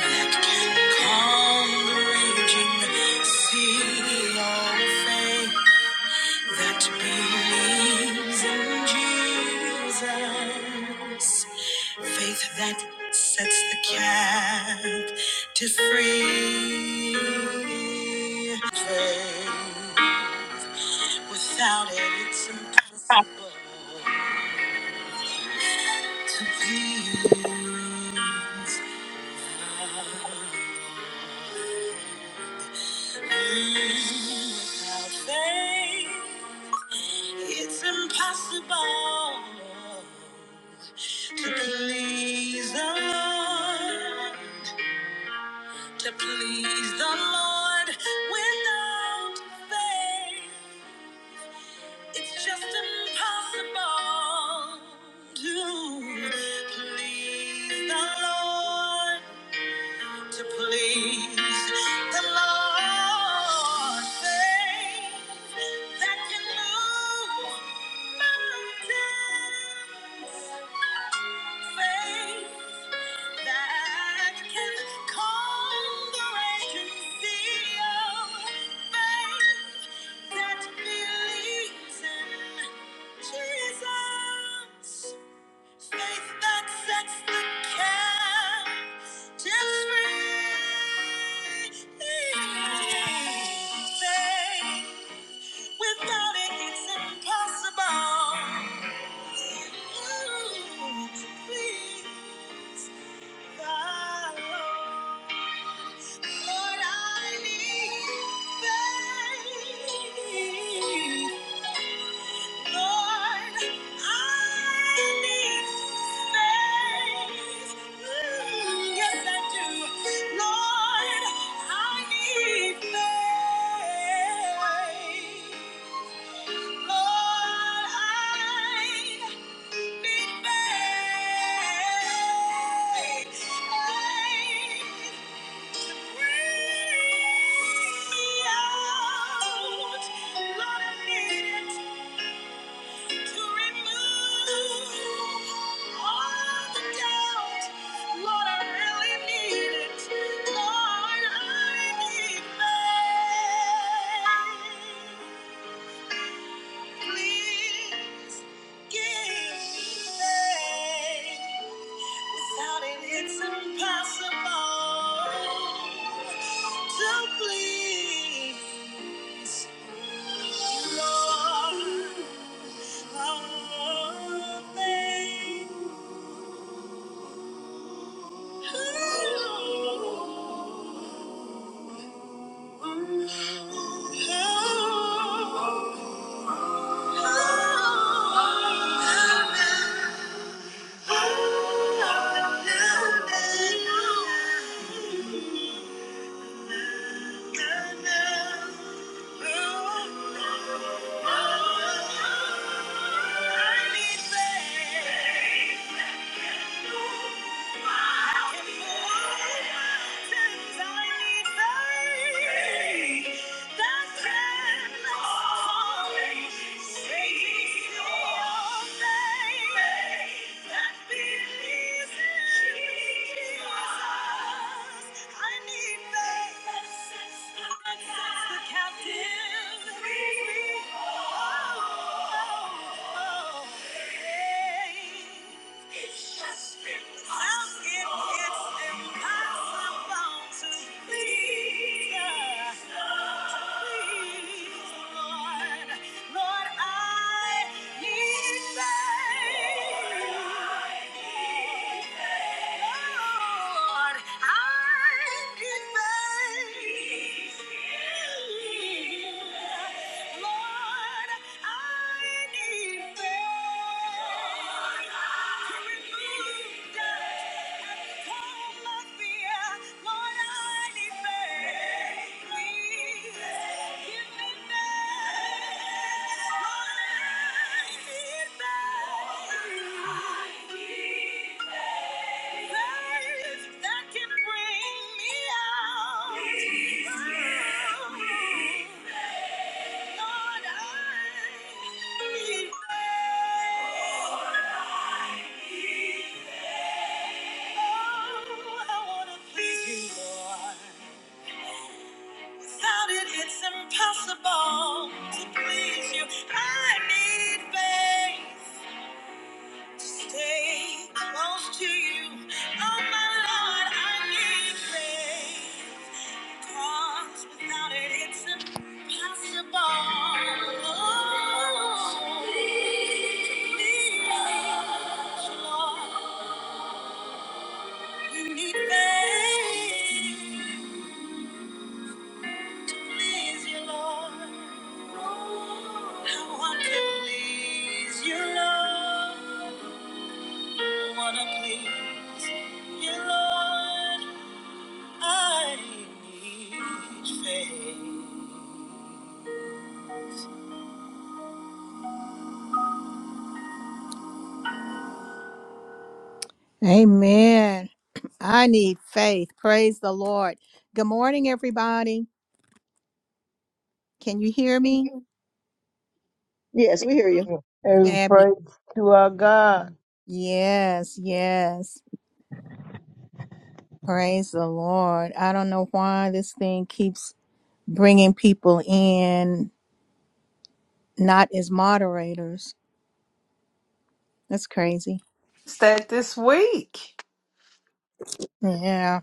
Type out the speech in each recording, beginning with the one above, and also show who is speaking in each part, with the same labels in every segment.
Speaker 1: Calm the raging sea of faith that believes in Jesus. Faith that sets the captive free. Faith without it, it's impossible to please. Without faith, it's impossible to please the Lord. To please the Lord without faith, it's just impossible to please the Lord. To please the Lord, faith. that can move mountains. Faith that can calm the raging sea. Faith that believes in Jesus. Faith that sets the captives free. Faith Without it, it's impossible. Ooh, to please thy Lord. Lord, I need faith. Lord, I need it. Thank you. Please give me faith. Without it, it's impossible to please you, Lord. Oh, thank you. I need faith. I need faith that sets the Lord, I need faith. Lord, I need faith that can bring me out. Lord, I need faith. Oh, I wanna please you, Lord. Without it, it's impossible to please you. I need faith to stay close to you. Oh, my Lord, I need faith. Amen. I need faith. Praise the Lord. Good morning, everybody. Can you hear me?
Speaker 2: Yes, we hear you.
Speaker 3: And
Speaker 1: Fabulous.
Speaker 3: praise to our God.
Speaker 1: Yes, yes. Praise the Lord. I don't know why this thing keeps bringing people in, not as moderators. That's crazy.
Speaker 4: that this week.
Speaker 1: Yeah.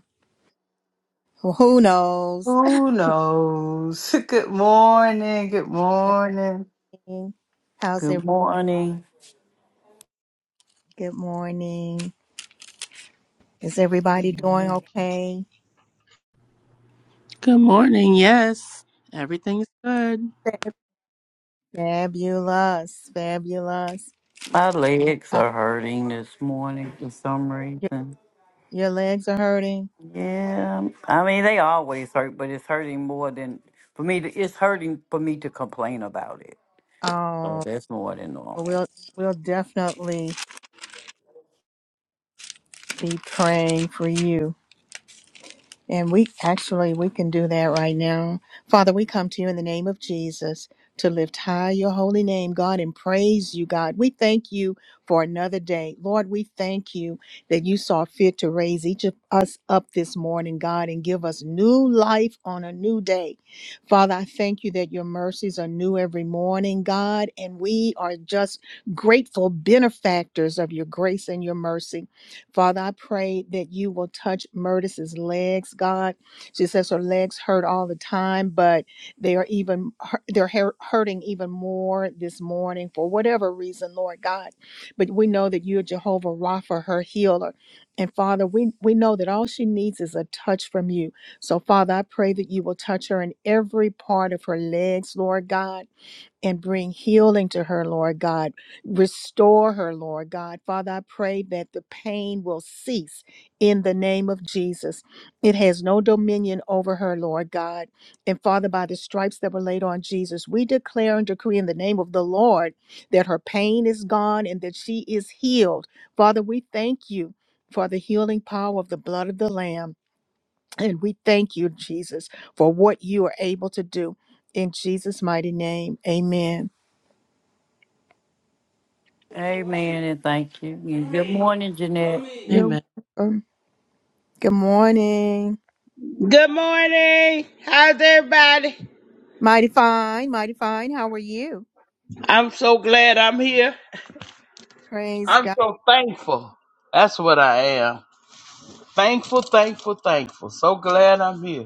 Speaker 1: Well, who knows?
Speaker 4: Who knows? Good morning. Good morning.
Speaker 1: Morning. How's
Speaker 5: Good
Speaker 1: every?
Speaker 5: morning.
Speaker 1: Good morning. Is
Speaker 6: Good
Speaker 1: everybody doing
Speaker 6: morning.
Speaker 1: okay?
Speaker 7: Good morning. Yes, everything's good.
Speaker 1: Fabulous. Fabulous.
Speaker 5: My legs
Speaker 1: Uh,
Speaker 5: are hurting this morning for some
Speaker 1: your,
Speaker 5: reason.
Speaker 1: your legs are hurting.
Speaker 5: Yeah, I mean they always hurt, but it's hurting more than for me. To, it's hurting for me to complain about it. So
Speaker 1: Oh,
Speaker 5: that's more than normal.
Speaker 1: we'll we'll definitely be praying for you. And we actually we can do that right now. Father, we come to you in the name of Jesus to lift high your holy name, God, and praise you, God. We thank you for another day. Lord, we thank you that you saw fit to raise each of us up this morning, God, and give us new life on a new day. Father, I thank you that your mercies are new every morning, God, and we are just grateful benefactors of your grace and your mercy. Father, I pray that you will touch Murtis's legs, God. She says her legs hurt all the time, but they are even they're hur- hurting even more this morning for whatever reason, Lord God. But we know that you are Jehovah Rapha, her healer. And Father, we, we know that all she needs is a touch from you. So, Father, I pray that you will touch her in every part of her legs, Lord God and bring healing to her, Lord God. Restore her, Lord God. Father, I pray that the pain will cease in the name of Jesus. It has no dominion over her, Lord God. And Father, by the stripes that were laid on Jesus, we declare and decree in the name of the Lord that her pain is gone and that she is healed. Father, we thank you for the healing power of the blood of the Lamb. And we thank you, Jesus, for what you are able to do. In Jesus' mighty name, amen.
Speaker 5: Amen and thank you. And good morning, Jeanette.
Speaker 1: You're
Speaker 7: Amen.
Speaker 1: welcome. Good morning.
Speaker 8: Good morning. How's everybody?
Speaker 1: Mighty fine, mighty fine. How are you?
Speaker 8: I'm so glad I'm here.
Speaker 1: Praise
Speaker 8: I'm
Speaker 1: God.
Speaker 8: so thankful. That's what I am. Thankful, thankful, thankful. So glad I'm here.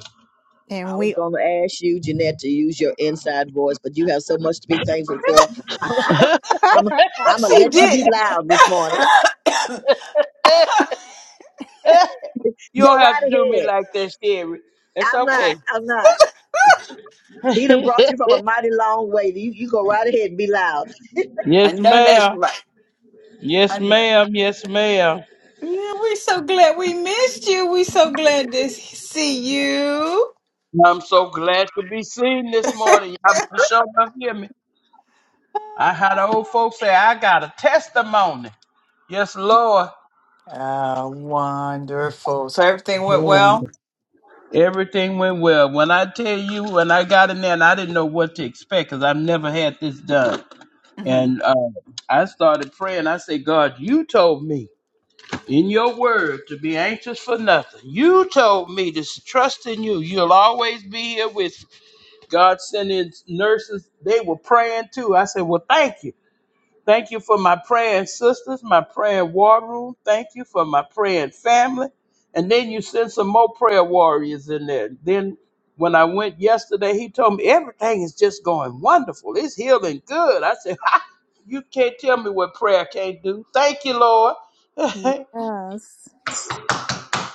Speaker 1: And
Speaker 2: I was
Speaker 1: we
Speaker 2: going to ask you, Jeanette, to use your inside voice, but you have so much to be thankful for. I'm, I'm, I'm gonna
Speaker 4: She
Speaker 2: let you be
Speaker 4: didn't.
Speaker 2: loud this morning.
Speaker 8: You
Speaker 2: Go
Speaker 8: don't have to
Speaker 2: right
Speaker 8: do me
Speaker 2: ahead.
Speaker 8: like that, Sherry. It's
Speaker 2: I'm not.
Speaker 8: okay.
Speaker 2: I'm not. He done brought you from a mighty long way. You, you go right ahead and be loud.
Speaker 4: I
Speaker 8: Yes,
Speaker 4: know that's
Speaker 8: ma'am.
Speaker 4: right. I
Speaker 8: Yes,
Speaker 4: know.
Speaker 8: ma'am. Yes, ma'am.
Speaker 4: Yeah, we so glad we missed you. We so glad to see you.
Speaker 8: I'm so glad to be seen this morning. Y'all better show up hear me. I had the old folks say I got a testimony. Yes, Lord.
Speaker 4: Ah, wonderful. So everything went well.
Speaker 8: Everything went well. When I tell you, when I got in there, and I didn't know what to expect because I've never had this done,
Speaker 4: hmm
Speaker 8: and uh, I started praying. I said, God, you told me in your word to be anxious for nothing. You told me to s- trust in you. You'll always be here with me. God. Sending nurses, they were praying too. I said, Well, thank you. Thank you for my praying sisters, my prayer war room. Thank you for my praying family. And then you send some more prayer warriors in there. Then when I went yesterday, he told me everything is just going wonderful. It's healing good. I said, ha, you can't tell me what prayer can't do. Thank you, Lord.
Speaker 1: Yes.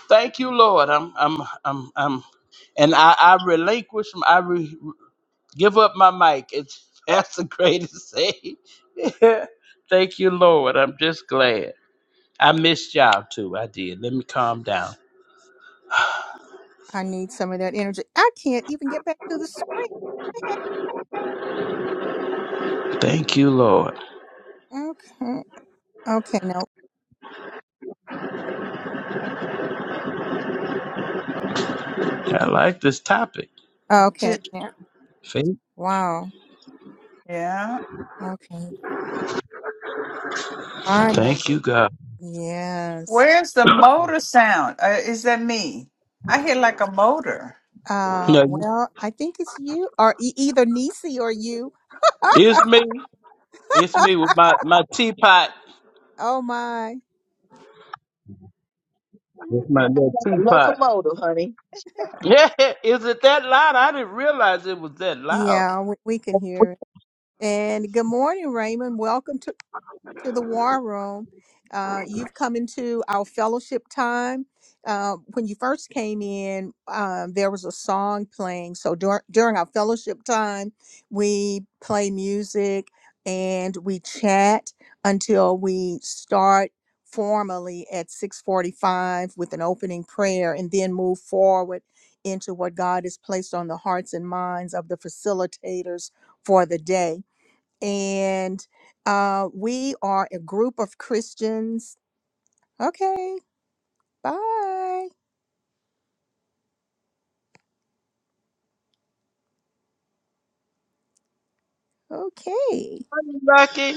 Speaker 8: Thank you, Lord. I'm, I'm, I'm, I'm, and I, I relinquish, I re, give up my mic. It's, that's the greatest thing. Thank you, Lord. I'm just glad. I missed y'all too. I did. Let me calm down.
Speaker 1: I need some of that energy. I can't even get back to the screen.
Speaker 8: Thank you, Lord.
Speaker 1: Okay. Okay, no.
Speaker 8: I like this topic.
Speaker 1: Okay. now.
Speaker 8: Faith.
Speaker 1: Wow.
Speaker 4: yeah.
Speaker 1: Okay.
Speaker 8: Thank
Speaker 1: Finally.
Speaker 8: you, God.
Speaker 1: Yes.
Speaker 4: Where's the motor sound? Uh, is that me? I hear like a motor.
Speaker 1: Uh,
Speaker 8: No,
Speaker 1: well, I think it's you or e- either Nisi or you.
Speaker 8: it's me. It's me with my, my teapot.
Speaker 1: Oh my.
Speaker 8: With my
Speaker 2: I'm
Speaker 8: little
Speaker 2: like a
Speaker 8: teapot.
Speaker 2: locomotive, honey.
Speaker 8: Yeah, is it that loud? I didn't realize it was that loud.
Speaker 1: Yeah, we, we can hear it. And good morning, Raymond. Welcome to to the war room. Uh, you've come into our fellowship time. Uh, when you first came in, um, there was a song playing. So dur- during our fellowship time, we play music and we chat until we start formally at 6:45 with an opening prayer, and then move forward into what God has placed on the hearts and minds of the facilitators for the day and uh, we are a group of Christians. Okay, bye. Okay,
Speaker 8: Hey, Lucky,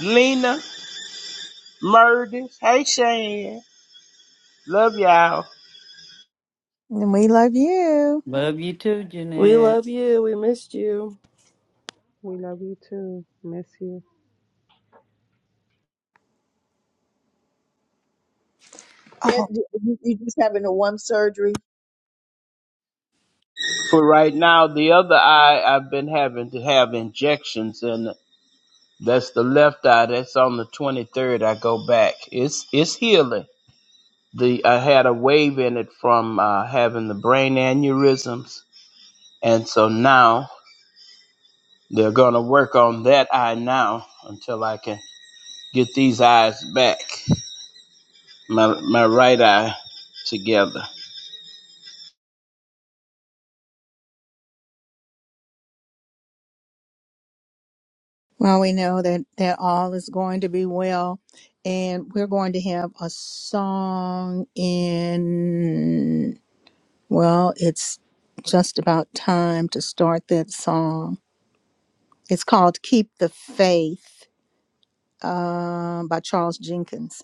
Speaker 8: Lena, Murders. Hey, Shane. Love y'all.
Speaker 1: and we love you.
Speaker 5: Love you too,
Speaker 7: We
Speaker 5: Jeanette.
Speaker 7: love you. We missed you.
Speaker 6: We love you too. Miss you.
Speaker 2: That,
Speaker 1: Oh,
Speaker 2: you, you you just having the one surgery.
Speaker 8: For right now, the other eye, I've been having to have injections in. That's the left eye. That's on the 23rd. I go back. It's it's healing. The I had a wave in it from uh, having the brain aneurysms, and so now they're gonna work on that eye now until I can get these eyes back, my my right eye together.
Speaker 1: well, we know that that all is going to be well, and we're going to have a song in. Well, it's just about time to start that song. It's called "Keep the Faith" uh, by Charles Jenkins.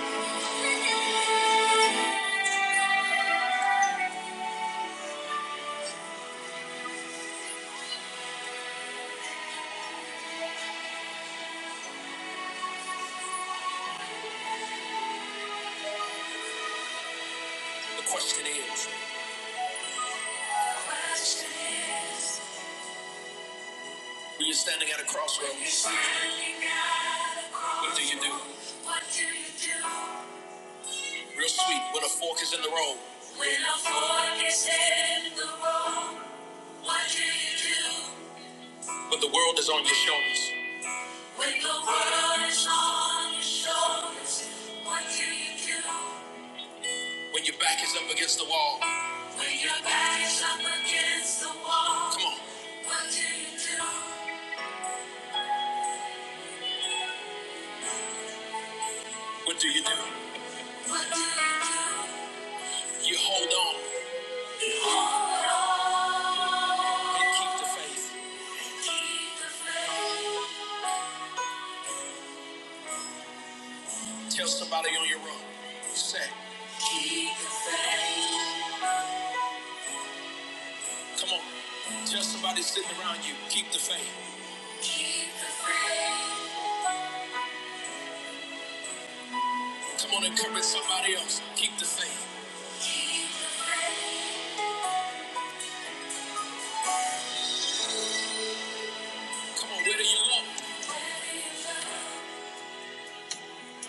Speaker 1: The question is, when you're standing at a crossroads, what do you do? Real sweet, when a fork is in the road. When a fork is in the road, what do you do? When the world is on your shoulders. When the world is on your shoulders, what do you do? When your back is up against the wall. When your back is up against the wall. Come on. What do you do? What do you do? What do you do? You hold on. You hold on. And keep the faith. Keep the faith. Tell somebody on your road. Say. Keep the faith. Come on. Tell somebody sitting around you. Keep the faith. Come on, encourage somebody else. Keep the faith. Come on, where do you look?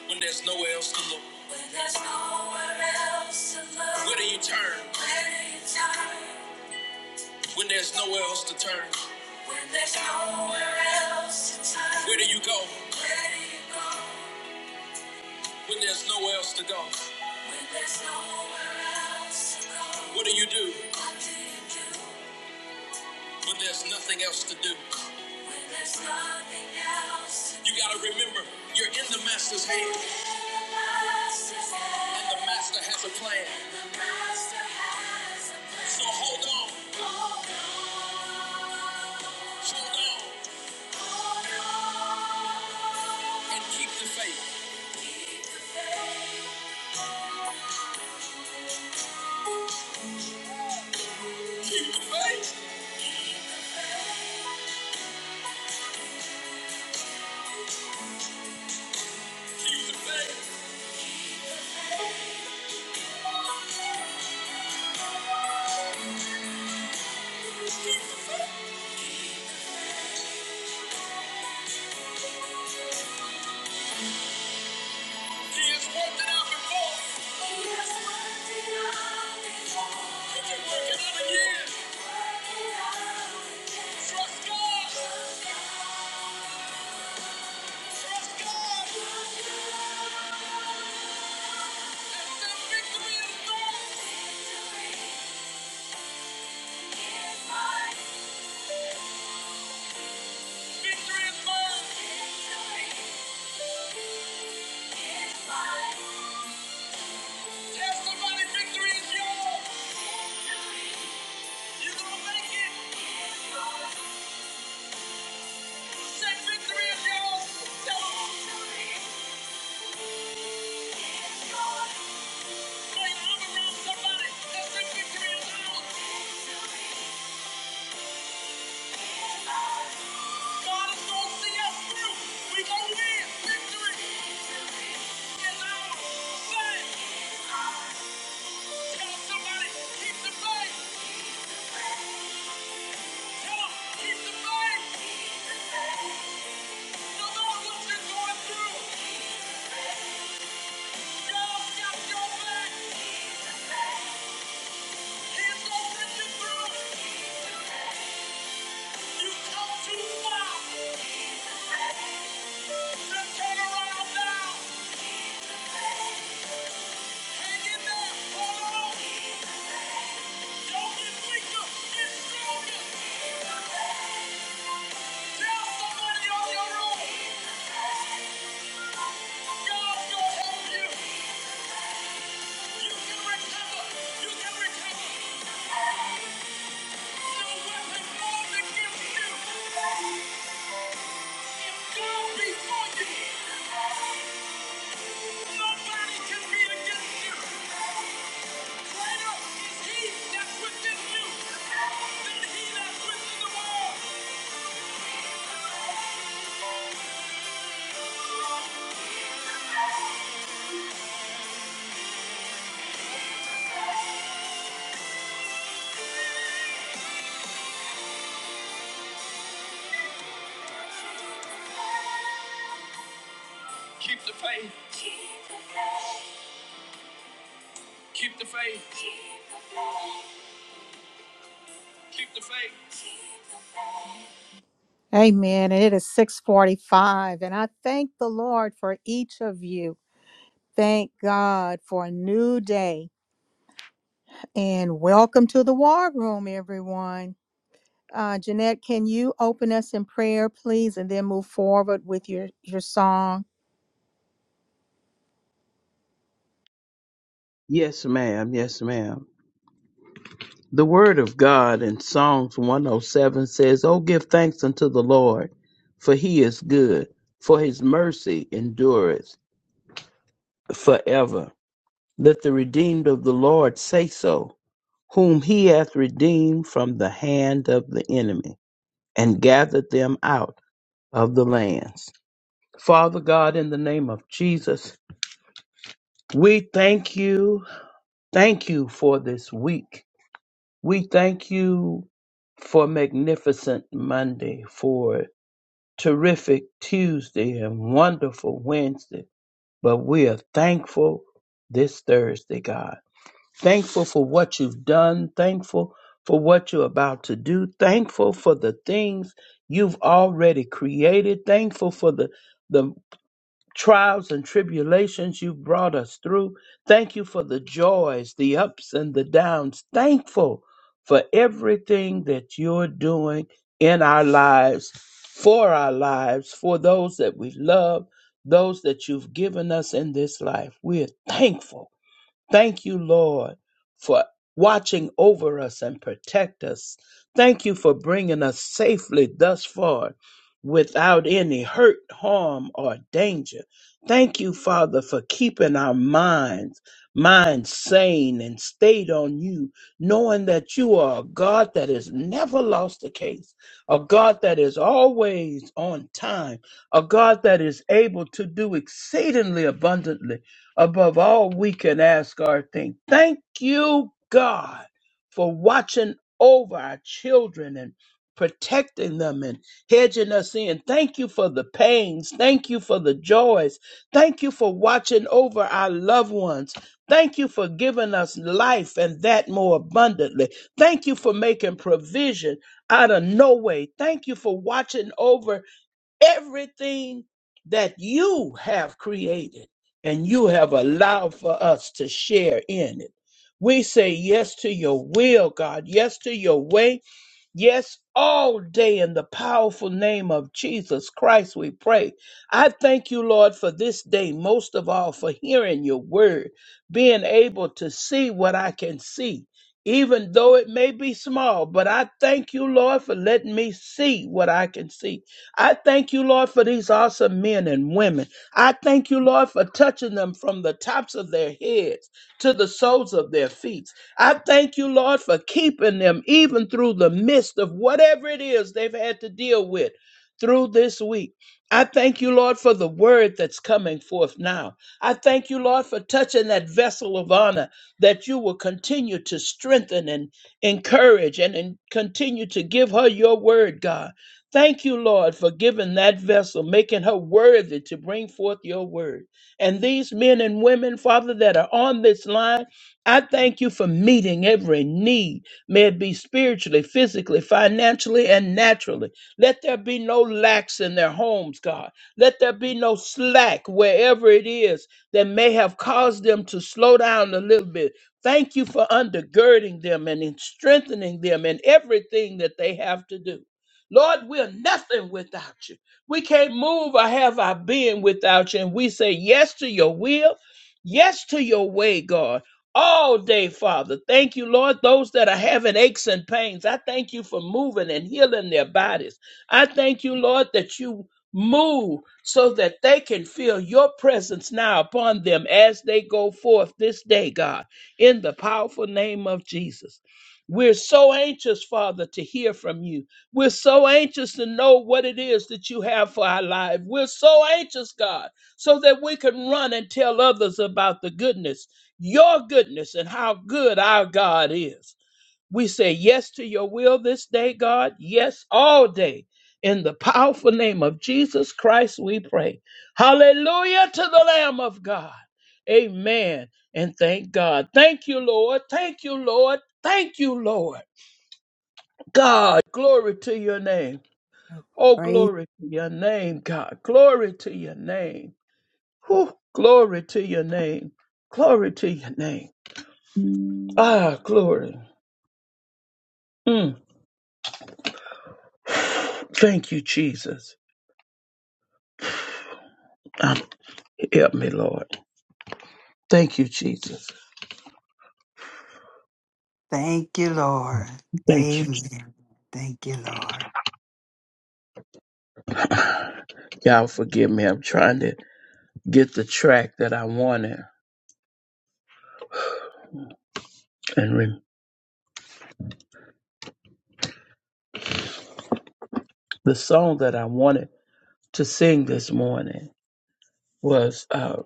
Speaker 1: When there's nowhere else to look. When there's nowhere else to look. Where do you turn? Where do you turn? When there's nowhere else to turn. When there's nowhere else to turn. Where do you go? Where do you go? When there's nowhere else to go, when there's nowhere else to go, what do you do? What do you do? When there's nothing else to do, when there's nothing else, to do. you gotta remember you're in the master's hand. in the Master's hand. And the master has a plan. And the master has a plan. So hold on. Hold on. Hold on. Hold on. And keep the faith. Keep the faith. Keep the faith. Keep the faith. He has worked it out before. He has worked it out before. He can work it out again. Work it Trust God. Somebody, that's the victory is ours. We going to win. Victory is ours. Say Tell somebody, keep the faith. Tell keep the faith. No matter what you're going through, God's got your back. He's going to bring you through. You come too far to turn around now. Greater is he that's within you than he that's within the world. Amen. And it is 645. And I thank the Lord for each of you. Thank God for a new day. And welcome to the war room, everyone. Uh, Jeanette, can you open us in prayer, please, and then move forward with your, your song?
Speaker 8: Yes, ma'am. Yes, ma'am. The word of God in Psalms 107 says, "Oh, give thanks unto the Lord, for He is good, for His mercy endureth." forever. Let the redeemed of the Lord say so, whom he hath redeemed from the hand of the enemy, and gathered them out of the lands. Father God, in the name of Jesus, we thank you. Thank you for this week. We thank you for magnificent Monday, for terrific Tuesday, and wonderful Wednesday. But we are thankful this Thursday, God. thankful for what you've done, thankful for what you're about to do, thankful for the things you've already created, thankful for the the trials and tribulations you've brought us through. Thank you for the joys, the ups and the downs. Thankful for everything that you're doing in our lives, for our lives, for those that we love, those that you've given us in this life. We're thankful Thank you, Lord, for watching over us and protect us. Thank you for bringing us safely thus far without any hurt, harm, or danger. Thank you, Father, for keeping our minds, minds sane and stayed on you, knowing that you are a God that has never lost a case, a God that is always on time, a God that is able to do exceedingly abundantly Above all, we can ask our thing. Thank you, God, for watching over our children and protecting them and hedging us in. Thank you for the pains. Thank you for the joys. Thank you for watching over our loved ones. Thank you for giving us life and that more abundantly. Thank you for making provision out of no way. Thank you for watching over everything that you have created and you have allowed for us to share in it. We say yes to your will, God, yes to your way, Yes, all day in the powerful name of Jesus Christ, we pray. I thank you, Lord, for this day, most of all for hearing your word, being able to see what I can see, even though it may be small. But I thank you, Lord, for letting me see what I can see. I thank you, Lord, for these awesome men and women. I thank you, Lord, for touching them from the tops of their heads to the soles of their feet. I thank you, Lord, for keeping them even through the midst of whatever it is they've had to deal with through this week. I thank you, Lord, for the word that's coming forth now. I thank you, Lord, for touching that vessel of honor that you will continue to strengthen and encourage and, and continue to give her your word, God. Thank you, Lord, for giving that vessel, making her worthy to bring forth your word. And these men and women, Father, that are on this line, I thank you for meeting every need, may it be spiritually, physically, financially, and naturally. Let there be no lacks in their homes, God. Let there be no slack wherever it is that may have caused them to slow down a little bit. Thank you for undergirding them and in strengthening them in everything that they have to do. Lord, we're nothing without you. We can't move or have our being without you. And we say yes to your will, yes to your way, God all day, Father. Thank you, Lord. Those that are having aches and pains, I thank you for moving and healing their bodies. I thank you, Lord, that you move so that they can feel your presence now upon them as they go forth this day, God, in the powerful name of Jesus. We're so anxious, Father, to hear from you. We're so anxious to know what it is that you have for our life. We're so anxious, God, so that we can run and tell others about the goodness your goodness and how good our God is. We say yes to your will this day, God. Yes, all day. In the powerful name of Jesus Christ, we pray. Hallelujah to the Lamb of God. Amen. And thank God. Thank you, Lord. Thank you, Lord. Thank you, Lord. God, glory to your name. Oh,
Speaker 1: Praise
Speaker 8: glory to your name, God. Glory to your name. Whew, glory to your name. Glory to your name. Ah, glory. Mm, thank you, Jesus. Um, help me, Lord. Thank you, Jesus.
Speaker 4: Thank you, Lord.
Speaker 8: Thank you.
Speaker 4: Amen. Thank you, Lord.
Speaker 8: Je- Y'all forgive me. I'm trying to get the track that I wanted. And re- the song that I wanted to sing this morning was, uh,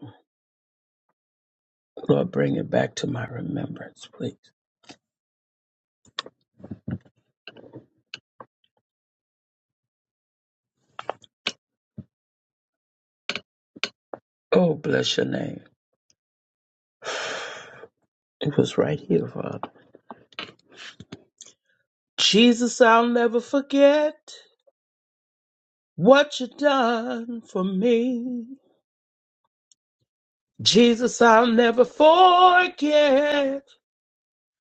Speaker 8: Lord, bring it back to my remembrance, please. Oh, bless your name. It was right here, Father. Jesus, I'll never forget what you done for me. Jesus, I'll never forget.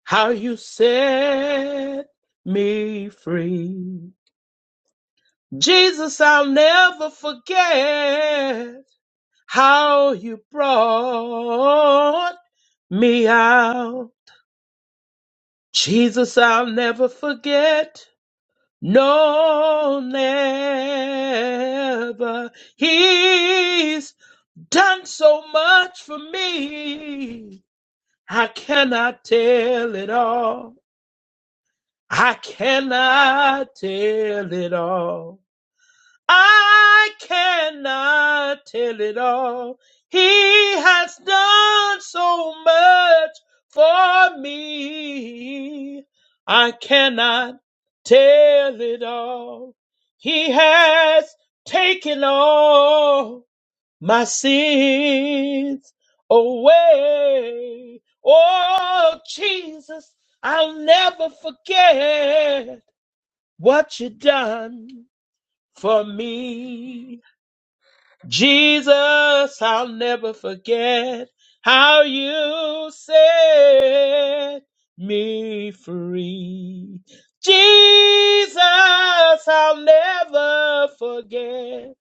Speaker 8: how you set me free. Jesus, I'll never forget how you brought me out. Jesus, I'll never forget. No, never. He's done so much for me. I cannot tell it all. I cannot tell it all. I cannot tell it all. He has done so much for me. I cannot tell it all. He has taken all my sins away. Oh, Jesus, I'll never forget what you done for me. Jesus, I'll never forget how you set me free. Jesus, I'll never forget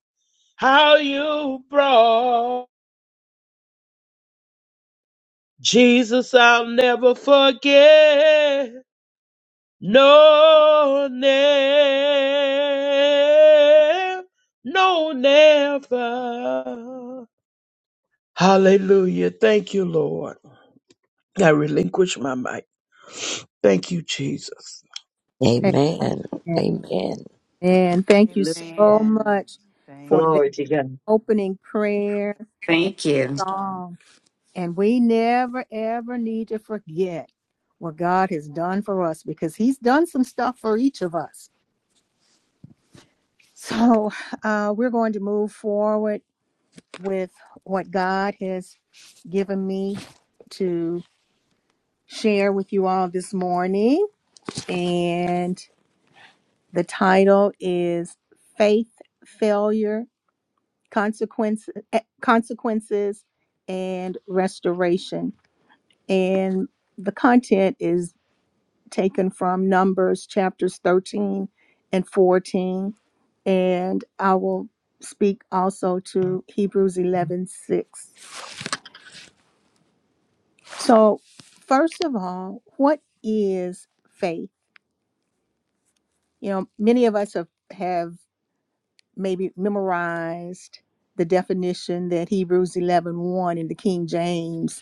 Speaker 8: how you brought. Jesus, I'll never forget No, never, no, never. Hallelujah. Thank you, Lord. I relinquish my mic. Thank you, Jesus.
Speaker 9: Amen.
Speaker 1: Amen.
Speaker 9: Amen.
Speaker 1: And Thank you so
Speaker 4: Amen.
Speaker 1: much for
Speaker 4: Thank
Speaker 1: the
Speaker 2: Glory to
Speaker 4: you.
Speaker 2: God.
Speaker 1: opening prayer and
Speaker 10: Thank you.
Speaker 1: song. And we never, ever need to forget what God has done for us because He's done some stuff for each of us. So uh, we're going to move forward with what God has given me to share with you all this morning. And the title is Faith, Failure, Consequences, Consequences and Restoration. And the content is taken from Numbers chapters 13 and 14. And I will speak also to Hebrews 11:6. So, first of all, what is faith? You know, many of us have, have maybe memorized the definition that Hebrews 11 one in the King James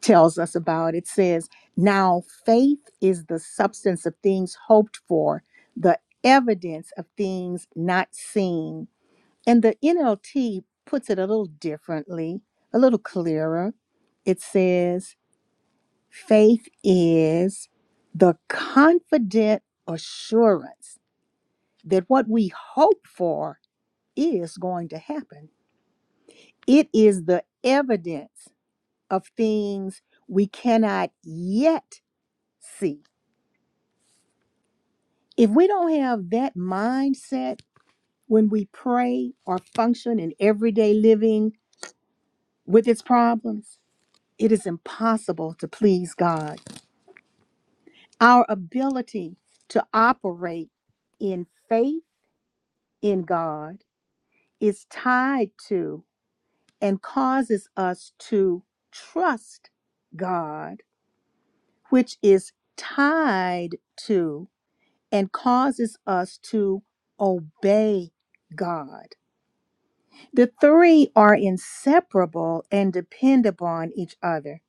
Speaker 1: tells us about. It says, Now faith is the substance of things hoped for, the evidence of things not seen. And the NLT puts it a little differently, a little clearer. It says, Faith is the confident assurance that what we hope for is going to happen. It is the evidence of things we cannot yet see if we don't have that mindset when we pray or function in everyday living with its problems, it is impossible to please God. Our ability to operate in faith in God is tied to and causes us to trust God, which is tied to and causes us to obey God. The three are inseparable and depend upon each other.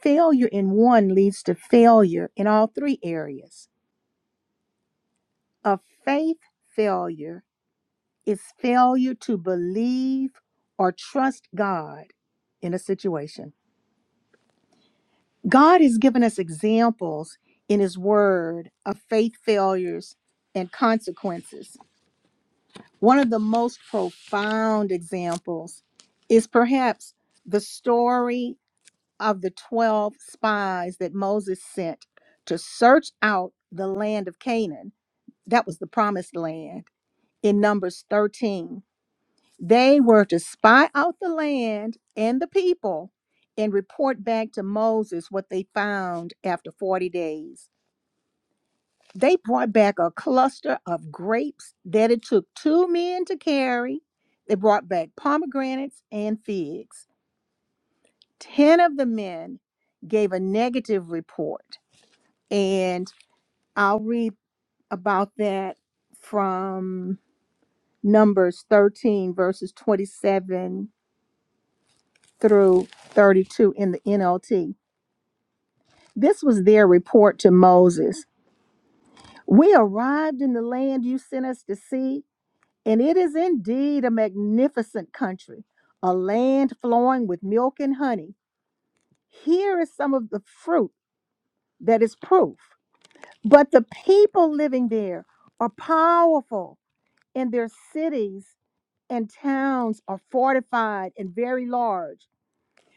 Speaker 1: Failure in one leads to failure in all three areas. A faith failure is failure to believe or trust God in a situation. God has given us examples in His Word of faith failures and consequences. One of the most profound examples is perhaps the story of the 12 spies that Moses sent to search out the land of Canaan, that was the promised land in Numbers 13. They were to spy out the land and the people and report back to Moses what they found after 40 days. They brought back a cluster of grapes that it took two men to carry. They brought back pomegranates and figs. Ten of the men gave a negative report And I'll read about that from Numbers 13, verses 27 through 32 in the NLT. This was their report to Moses We arrived in the land you sent us to see, and it is indeed a magnificent country, a land flowing with milk and honey. Here is some of the fruit that is proof. But the people living there are powerful, and their cities and towns are fortified and very large.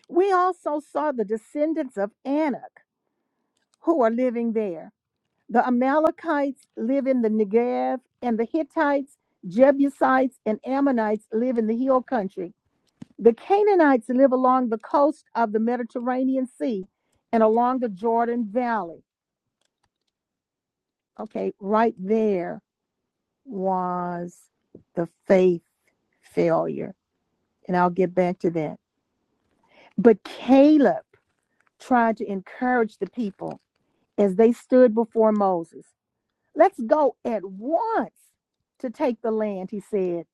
Speaker 1: We also saw the descendants of Anak who are living there. The Amalekites live in the Negev, and the Hittites, Jebusites, and Ammonites live in the hill country. The Canaanites live along the coast of the Mediterranean Sea and along the Jordan Valley. Okay, right there was the faith failure. And I'll get back to that. But Caleb, tried to encourage the people as they stood before Moses. Let's go at once to take the land, he said.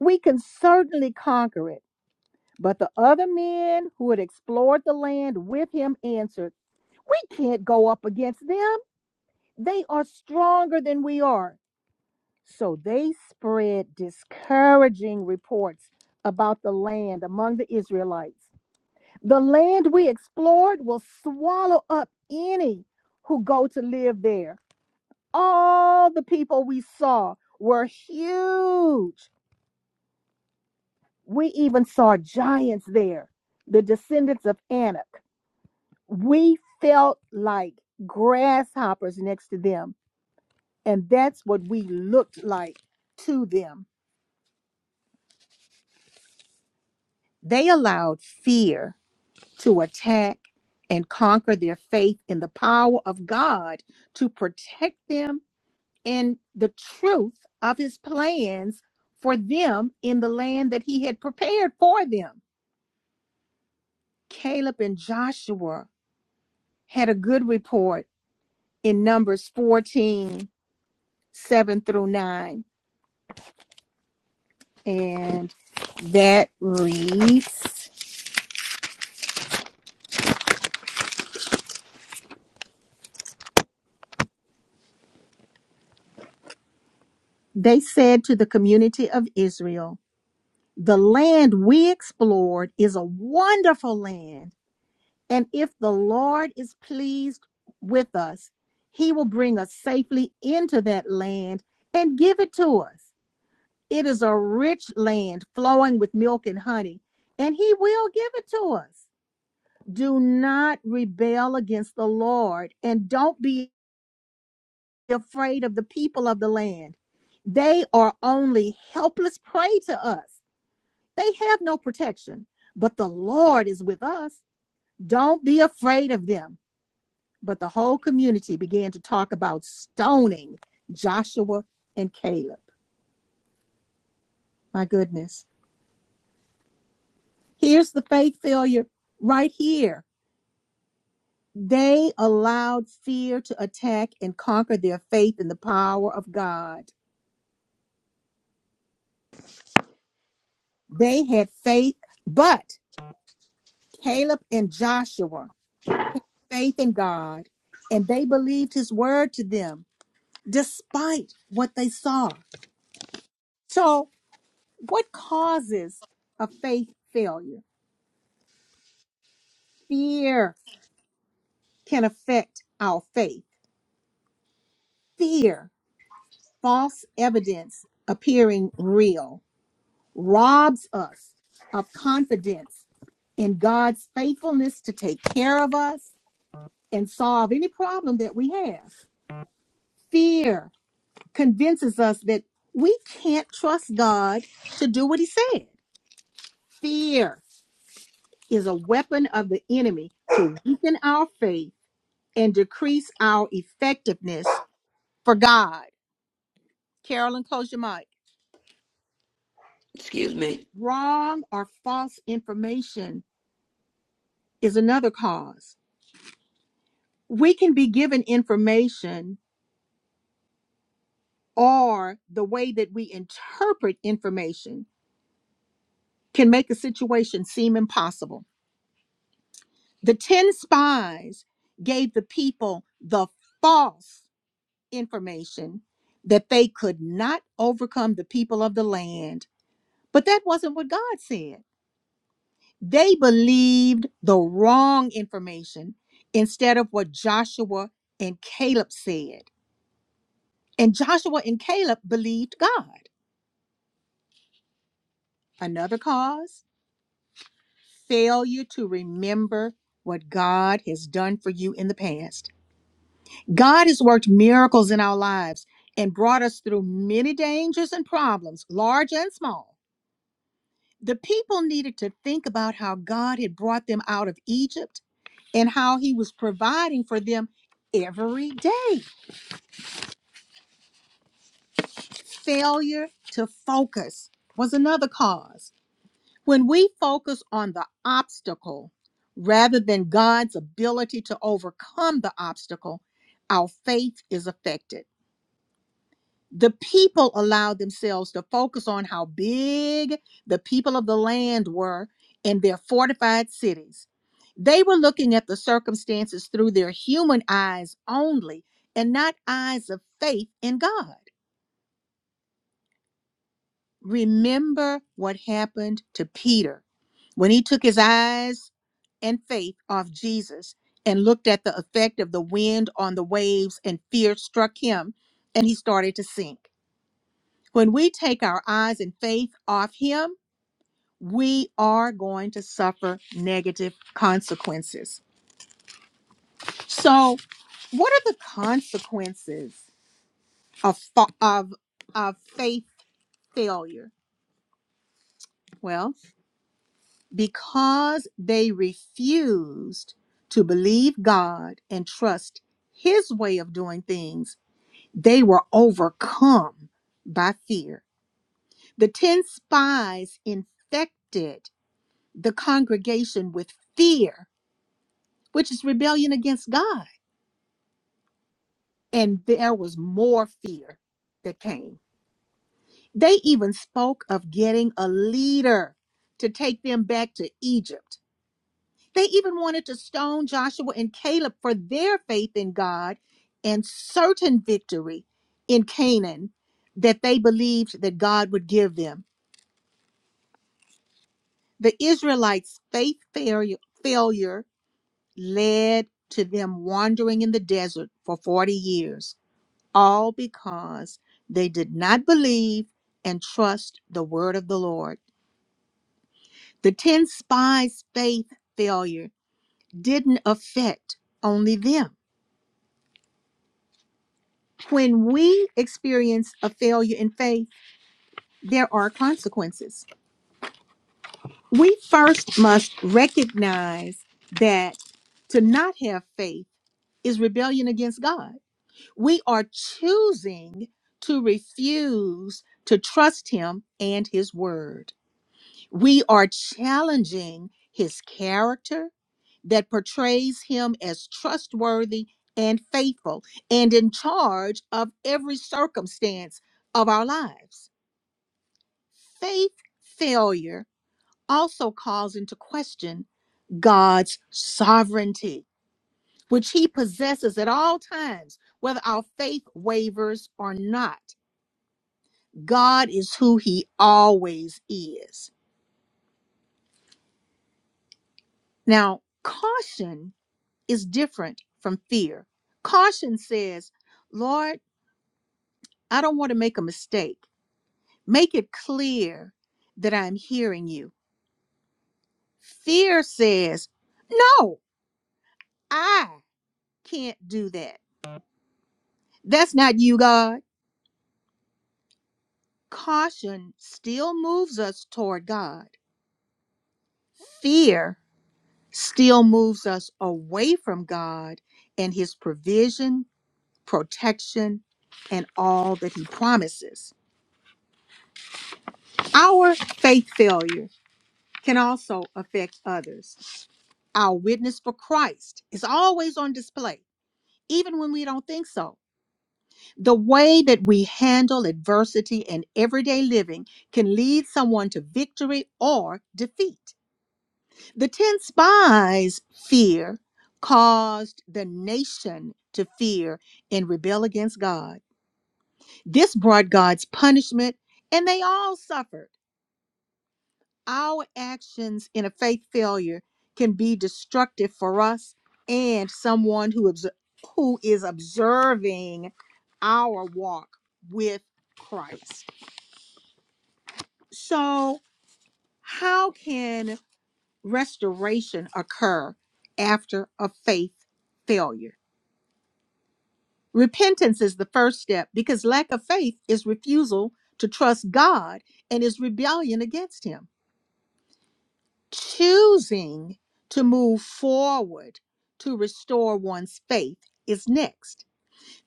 Speaker 1: We can certainly conquer it. But the other men who had explored the land with him answered, We can't go up against them. They are stronger than we are. So they spread discouraging reports about the land among the Israelites. The land we explored will swallow up any who go to live there. All the people we saw were huge. We even saw giants there, the descendants of Anak. We felt like grasshoppers next to them, and that's what we looked like to them. They allowed fear to attack and conquer their faith in the power of God to protect them in the truth of his plans for them in the land that he had prepared for them. Caleb and Joshua had a good report in Numbers 14 7 through 9. And that reads They said to the community of Israel, 'The land we explored is a wonderful land. And if the Lord is pleased with us, he will bring us safely into that land and give it to us. It is a rich land flowing with milk and honey, and he will give it to us. Do not rebel against the Lord and don't be afraid of the people of the land. They are only helpless prey to us, they have no protection. But the Lord is with us. Don't be afraid of them. But the whole community began to talk about stoning Joshua and Caleb. My goodness. Here's the faith failure right here. They allowed fear to attack and conquer their faith in the power of God. They had faith, but Caleb and Joshua, faith in God, and they believed his word to them despite what they saw. So, what causes a faith failure? Fear. can affect our faith. Fear, false evidence appearing real, robs us of confidence in God's faithfulness to take care of us and solve any problem that we have. Fear convinces us that we can't trust God to do what He said. Fear is a weapon of the enemy to weaken our faith and decrease our effectiveness for God. Carolyn, close your mic.
Speaker 9: Excuse me.
Speaker 1: Wrong or false information is another cause. We can be given information, or the way that we interpret information can make a situation seem impossible. The 10 spies gave the people the false information that they could not overcome the people of the land, but that wasn't what God said. They believed the wrong information instead of what Joshua and Caleb said. And Joshua and Caleb believed God. Another cause failure to remember what God has done for you in the past. God has worked miracles in our lives and brought us through many dangers and problems, large and small. The people needed to think about how God had brought them out of Egypt and how he was providing for them every day. Failure to focus was another cause. When we focus on the obstacle rather than God's ability to overcome the obstacle, our faith is affected. the people allowed themselves to focus on how big the people of the land were and their fortified cities. They were looking at the circumstances through their human eyes only and not eyes of faith in God. Remember what happened to Peter when he took his eyes and faith off Jesus and looked at the effect of the wind on the waves, and fear struck him and he started to sink. When we take our eyes and faith off Him, we are going to suffer negative consequences. So, what are the consequences of fa- of of faith failure? Well, because they refused to believe God and trust His way of doing things, they were overcome by fear. The ten spies infected the congregation with fear, which is rebellion against God. And there was more fear that came. They even spoke of getting a leader to take them back to Egypt. They even wanted to stone Joshua and Caleb for their faith in God and certain victory in Canaan that they believed that God would give them. The Israelites' faith failure, failure led to them wandering in the desert for 40 years, all because they did not believe and trust the word of the Lord. The 10 spies' faith failure didn't affect only them. When we experience a failure in faith, there are consequences. We first must recognize that to not have faith is rebellion against God. We are choosing to refuse to trust him and his word. We are challenging his character that portrays him as trustworthy and faithful and in charge of every circumstance of our lives. Faith failure also calls into question God's sovereignty, which he possesses at all times, whether our faith wavers or not. God is who he always is. Now, caution is different from fear. Caution says, Lord, I don't want to make a mistake. Make it clear that I'm hearing you. Fear says, No, I can't do that. That's not you, God. Caution still moves us toward God. Fear still moves us away from God and his provision protection, and all that He promises. Our faith failure can also affect others. Our witness for Christ is always on display, even when we don't think so. The way that we handle adversity in everyday living can lead someone to victory or defeat. The 10 spies' fear caused the nation to fear and rebel against God. This brought God's punishment, and they all suffered. Our actions in a faith failure can be destructive for us and someone who, obs- who is observing our walk with Christ. So, how can restoration occur after a faith failure? Repentance is the first step because lack of faith is refusal to trust God and is rebellion against Him. Choosing to move forward to restore one's faith is next.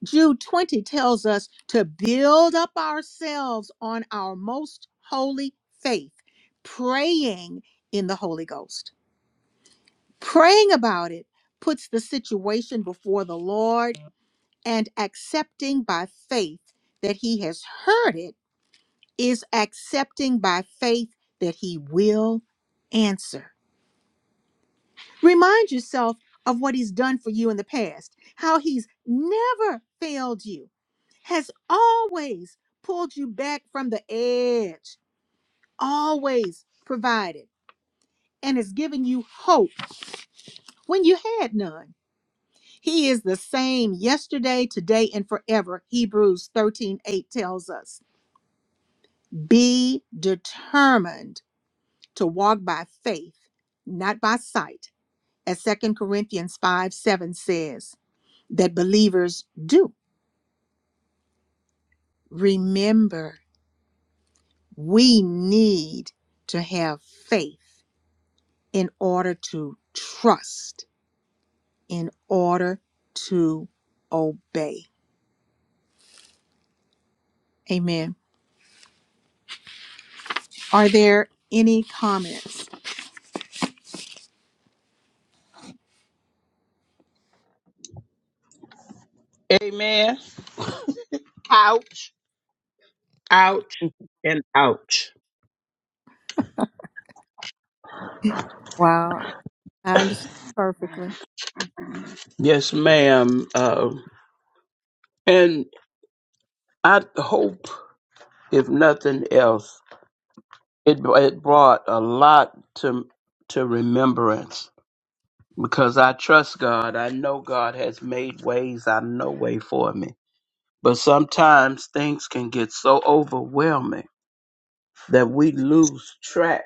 Speaker 1: Jude 20 tells us to build up ourselves on our most holy faith, praying in the Holy Ghost. Praying about it puts the situation before the Lord and accepting by faith that He has heard it is accepting by faith that He will answer. Remind yourself of what he's done for you in the past, how he's never failed you, has always pulled you back from the edge, always provided, and has given you hope when you had none. He is the same yesterday, today, and forever, Hebrews 13 8 tells us. Be determined to walk by faith, not by sight, as Second Corinthians 5 7 says that believers do. remember we need to have faith in order to trust, in order to obey. Amen. Are there any comments?
Speaker 8: Amen. Ouch, ouch, and ouch.
Speaker 1: Wow, I understand perfectly.
Speaker 8: Yes, ma'am. Um, and I hope, if nothing else, it, it brought a lot to to remembrance because I trust God. I know God has made ways out of no way for me. But sometimes things can get so overwhelming that we lose track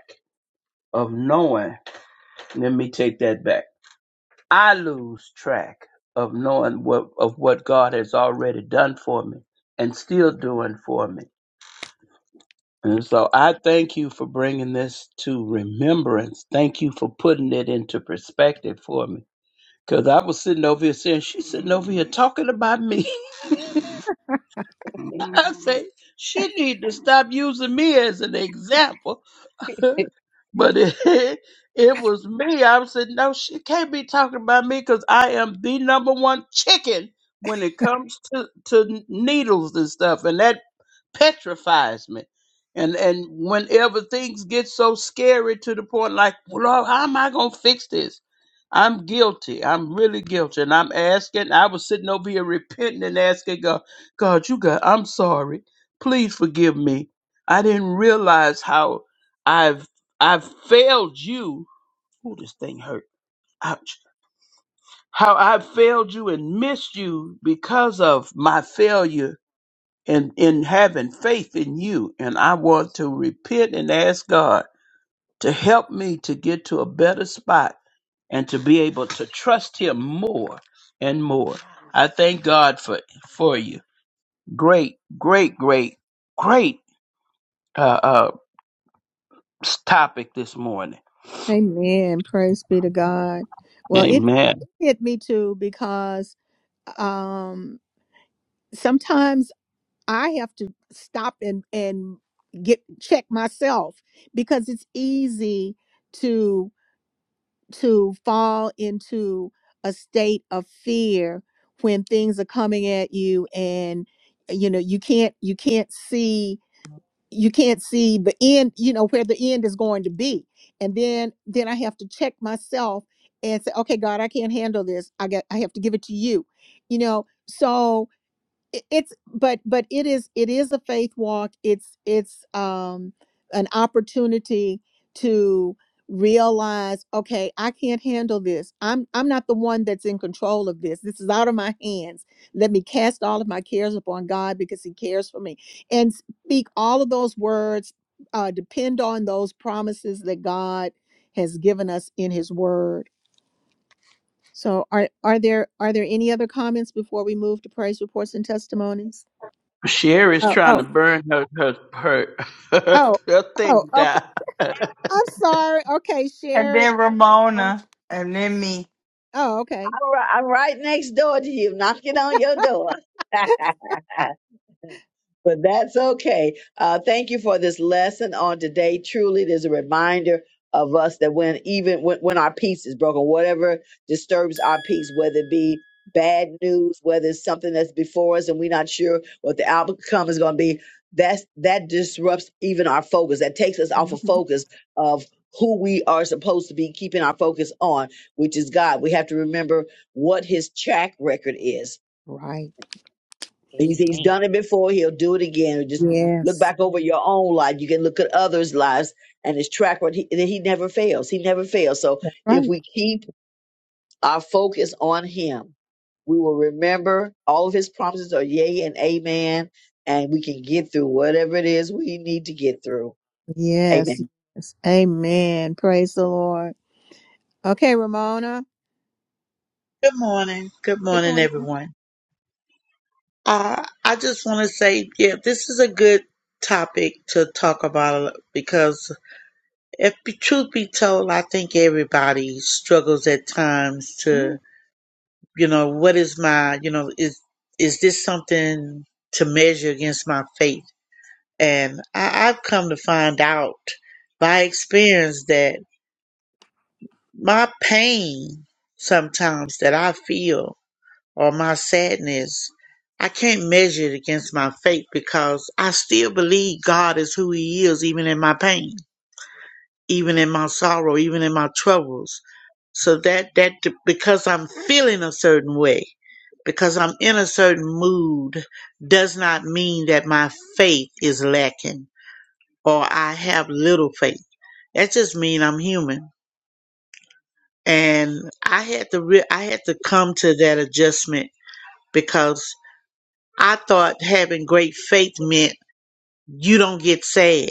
Speaker 8: of knowing. Let me take that back. I lose track of knowing what of what God has already done for me and still doing for me. And so I thank you for bringing this to remembrance. Thank you for putting it into perspective for me. Cause I was sitting over here saying, she's sitting over here talking about me. I say she need to stop using me as an example. But it, it was me. I was saying, no, she can't be talking about me because I am the number one chicken when it comes to, to needles and stuff. And that petrifies me. And and whenever things get so scary to the point like, well, how am I gonna fix this? I'm guilty. I'm really guilty. And I'm asking, I was sitting over here repenting and asking God, God, you got I'm sorry. Please forgive me. I didn't realize how I've I've failed you. Oh, this thing hurt. Ouch. How I've failed you and missed you because of my failure in, in having faith in you. And I want to repent and ask God to help me to get to a better spot and to be able to trust him more and more. I thank God for, for you. Great, great, great, great, uh, uh, topic this morning.
Speaker 1: Amen. Praise be to God. Well, it hit me too because um sometimes I have to stop and and get check myself because it's easy to. to fall into a state of fear when things are coming at you and uh, you know you can't you can't see you can't see the end you know where the end is going to be and then then i have to check myself and say okay god i can't handle this i got i have to give it to you you know so it- it's but but it is it is a faith walk it's it's um an opportunity to realize okay i can't handle this i'm i'm not the one that's in control of this this is out of my hands let me cast all of my cares upon god because he cares for me and speak all of those words uh depend on those promises that god has given us in his word so are are there are there any other comments before we move to praise reports and testimonies
Speaker 8: Sherry's
Speaker 1: Oh,
Speaker 8: trying
Speaker 1: oh,
Speaker 8: to burn her her her,
Speaker 1: oh,
Speaker 8: her
Speaker 1: oh,
Speaker 8: thing
Speaker 1: okay.
Speaker 8: down.
Speaker 1: I'm sorry. Okay,
Speaker 4: And
Speaker 1: Sherry.
Speaker 4: then
Speaker 1: Oh,
Speaker 4: Ramona. And then me.
Speaker 1: oh, okay.
Speaker 2: I'm right, I'm right next door to you, knocking on your door. But that's okay. Uh, thank you for this lesson on today. Truly, it is a reminder of us that when even when, when our peace is broken, whatever disturbs our peace, whether it be bad news, whether it's something that's before us and we're not sure what the outcome is going to be, that's that disrupts even our focus. That takes us off of
Speaker 1: hmm
Speaker 2: focus of who we are supposed to be keeping our focus on, which is God. We have to remember what His track record is
Speaker 1: Right.
Speaker 2: He's he's
Speaker 11: Amen.
Speaker 2: done it before. He'll do it again. Just look
Speaker 1: Yes.
Speaker 2: back over your own life. You can look at others' lives and his track record. He, he never fails. He never fails. So
Speaker 1: That's
Speaker 2: if
Speaker 1: right.
Speaker 2: we keep our focus on him, we will remember all of his promises are yay and amen, and we can get through whatever it is we need to get through.
Speaker 1: Yes.
Speaker 2: Amen.
Speaker 1: Yes. Amen. Praise the Lord. Okay, Ramona.
Speaker 12: Good morning. Good
Speaker 1: Good
Speaker 12: morning,
Speaker 1: morning.
Speaker 12: everyone. Uh, I just want to say, yeah, this is a good topic to talk about because if the truth be told, I think everybody struggles at times
Speaker 1: Mm,
Speaker 12: to, you know, what is my, you know, is, is this something to measure against my faith? And I, I've come to find out by experience that my pain sometimes that I feel or my sadness, I can't measure it against my faith because I still believe God is who He is, even in my pain, even in my sorrow, even in my troubles. So that that because I'm feeling a certain way, because I'm in a certain mood, does not mean that my faith is lacking or I have little faith. That just means I'm human, and I had to re- I had to come to that adjustment because. I thought having great faith meant you don't get sad.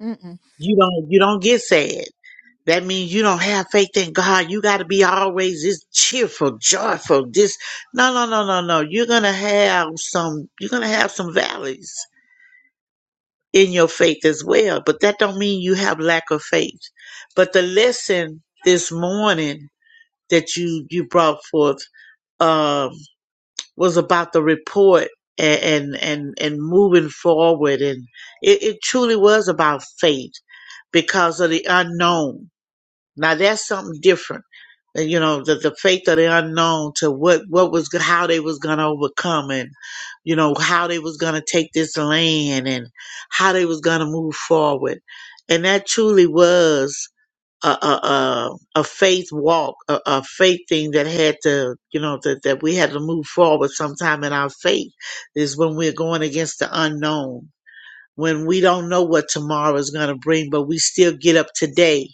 Speaker 1: Mm-mm.
Speaker 12: You don't you don't get sad. That means you don't have faith in God. You got to be always this cheerful, joyful. This no, no, no, no, no. You're gonna have some. You're gonna have some valleys in your faith as well. But that don't mean you have lack of faith. But the lesson this morning that you you brought forth um, was about the report and and and, moving forward and it, it truly was about faith because of the unknown now that's something different Uh, you know the, the faith of the unknown to what what was go- how they was gonna overcome and you know how they was gonna take this land and how they was gonna move forward and that truly was a a, a, a faith walk, a, a faith thing that had to, you know, that, that we had to move forward sometime in our faith is when we're going against the unknown, when we don't know what tomorrow is going to bring, but we still get up today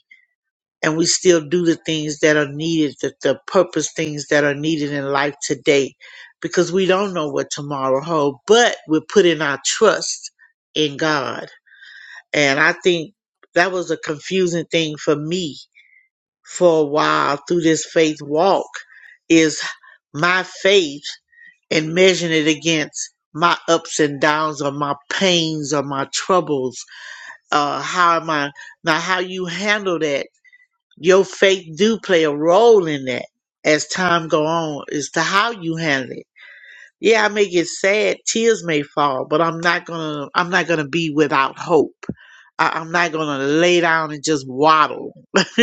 Speaker 12: and we still do the things that are needed, the, the purpose things that are needed in life today, because we don't know what tomorrow holds, but we're putting our trust in God. And I think that was a confusing thing for me for a while through this faith walk is my faith and measuring it against my ups and downs or my pains or my troubles. Uh, how am I now? How you handle that? Your faith do play a role in that as time go on as to how you handle it. Yeah, I may get sad, tears may fall, but I'm not gonna I'm not gonna be without hope. I, I'm not gonna lay down and just waddle.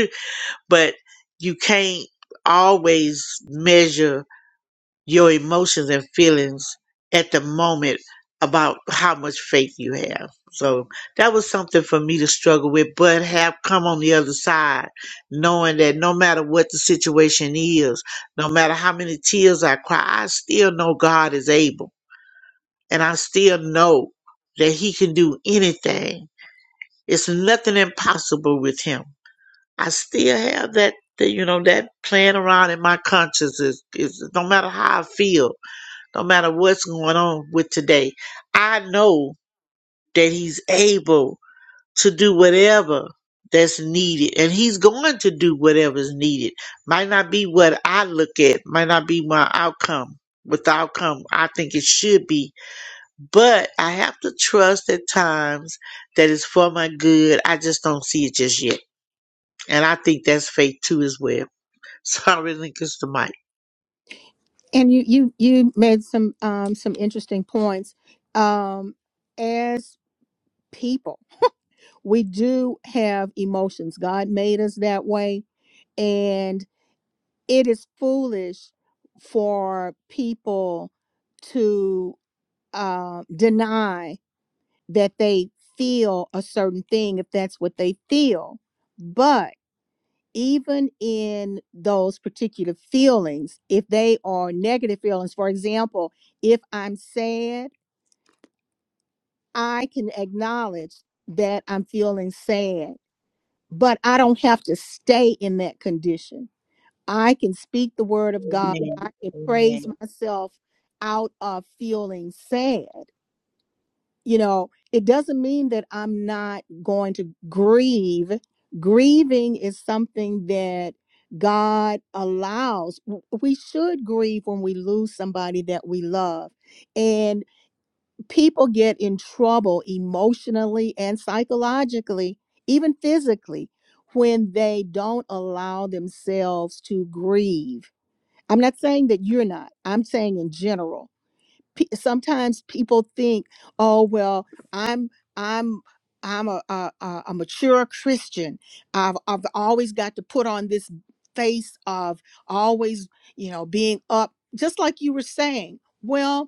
Speaker 12: but you can't always measure your emotions and feelings at the moment about how much faith you have. So that was something for me to struggle with, but have come on the other side, knowing that no matter what the situation is, no matter how many tears I cry, I still know God is able. And I still know that He can do anything. It's nothing impossible with Him. I still have that, that you know, that playing around in my conscience is, is no matter how I feel, no matter what's going on with today, I know that he's able to do whatever that's needed and he's going to do whatever's needed. Might not be what I look at, might not be my outcome. With the outcome, I think it should be, but I have to trust at times that it's for my good. I just don't see it just yet. And I think that's faith too as well. Sorry, gets the mic.
Speaker 1: And you, you, you made some, um, some interesting points. Um, as people, we do have emotions. God made us that way, and it is foolish for people to uh, deny that they feel a certain thing if that's what they feel. But even in those particular feelings, if they are negative feelings, for example, if I'm sad, I can acknowledge that I'm feeling sad, but I don't have to stay in that condition I can speak the word of God.
Speaker 12: Amen.
Speaker 1: I can
Speaker 12: Amen.
Speaker 1: praise myself out of feeling sad. You know, it doesn't mean that I'm not going to grieve. Grieving is something that God allows. W- We should grieve when we lose somebody that we love. And people get in trouble emotionally and psychologically, even physically, when they don't allow themselves to grieve I'm not saying that you're not. I'm saying in general. P- sometimes people think, "Oh well, I'm I'm I'm a a, a a mature Christian. I've I've always got to put on this face of always, you know, being up." Just like you were saying. Well,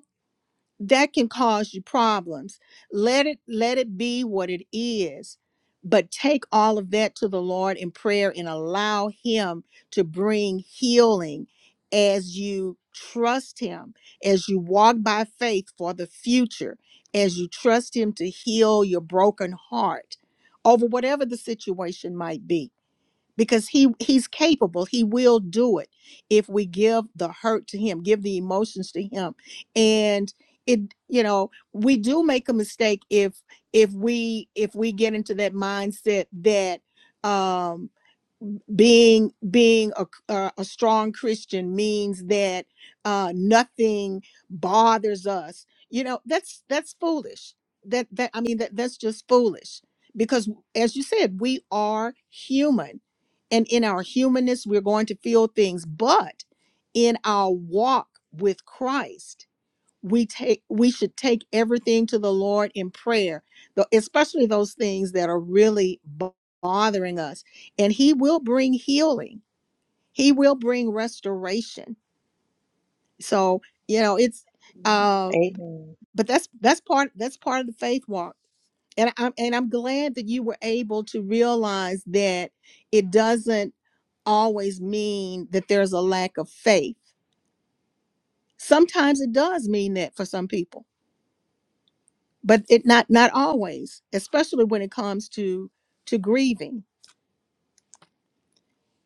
Speaker 1: that can cause you problems let it let it be what it is but take all of that to the lord in prayer and allow him to bring healing as you trust him as you walk by faith for the future as you trust him to heal your broken heart over whatever the situation might be because he he's capable he will do it if we give the hurt to him give the emotions to him and it you know we do make a mistake if if we if we get into that mindset that um being being a uh, a strong christian means that uh nothing bothers us you know that's that's foolish that that i mean that that's just foolish because as you said we are human and in our humanness we're going to feel things but in our walk with christ we take we should take everything to the lord in prayer tho- especially those things that are really bo- bothering us and he will bring healing he will bring restoration so you know it's uh
Speaker 12: Amen.
Speaker 1: but that's that's part that's part of the faith walk and i'm and i'm glad that you were able to realize that it doesn't always mean that there's a lack of faith sometimes it does mean that for some people but it not not always especially when it comes to to grieving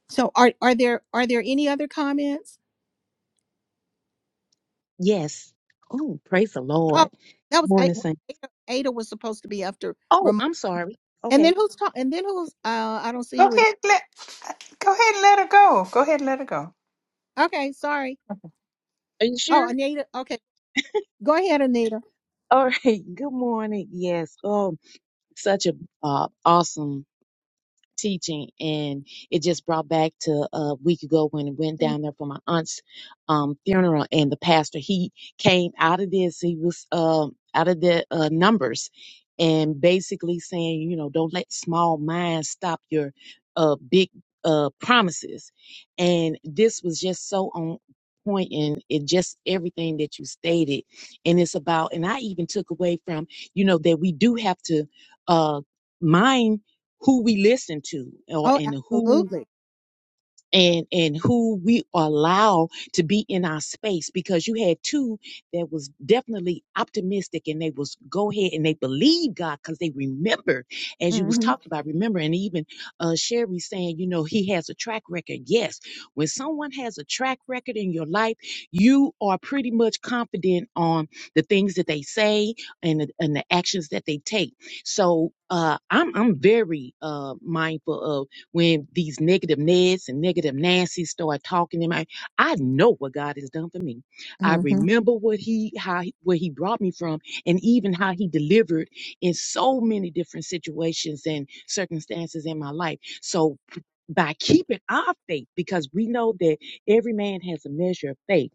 Speaker 1: so are are there are there any other comments
Speaker 11: Yes. Oh, praise the
Speaker 1: oh
Speaker 11: Lord.
Speaker 1: that
Speaker 11: Good
Speaker 1: was A-
Speaker 11: morning, Saint.
Speaker 1: ada, ada was supposed to be after
Speaker 11: Oh,
Speaker 1: Ramon.
Speaker 11: I'm sorry.
Speaker 1: and then
Speaker 11: Okay.
Speaker 1: who's talking and then who's uh i don't see
Speaker 4: Go
Speaker 1: who it is
Speaker 4: ahead, let go ahead and let her go. Go ahead and let her go.
Speaker 1: okay sorry
Speaker 11: Are you
Speaker 1: oh
Speaker 11: sure?
Speaker 1: anita okay go ahead anita
Speaker 11: All right. Good morning. Yes. Oh, such a uh, awesome teaching and it just brought back to a week ago when I went
Speaker 1: Thank
Speaker 11: down there for my aunt's um funeral and the pastor he came out of this he was um out of the uh, numbers and basically saying you know don't let small minds stop your uh big uh promises and this was just so on point and it just everything that you stated and it's about and i even took away from you know that we do have to uh mind who we listen to or
Speaker 1: oh
Speaker 11: and who
Speaker 1: absolutely
Speaker 11: and and who we allow to be in our space because you had two that was definitely optimistic and they was go ahead and they believed god because they remembered as you was
Speaker 1: hmm
Speaker 11: talking about remember and even uh sherry saying you know he has a track record yes when someone has a track record in your life you are pretty much confident on the things that they say and the, and the actions that they take so uh i'm i'm very uh mindful when these negative Neds and negative Nancy's start talking to me, I know what God has done for me. I
Speaker 1: hmm
Speaker 11: remember what he how he- where he brought me from, and even how he delivered in so many different situations and circumstances in my life. So by keeping our faith, because we know that every man has a measure of faith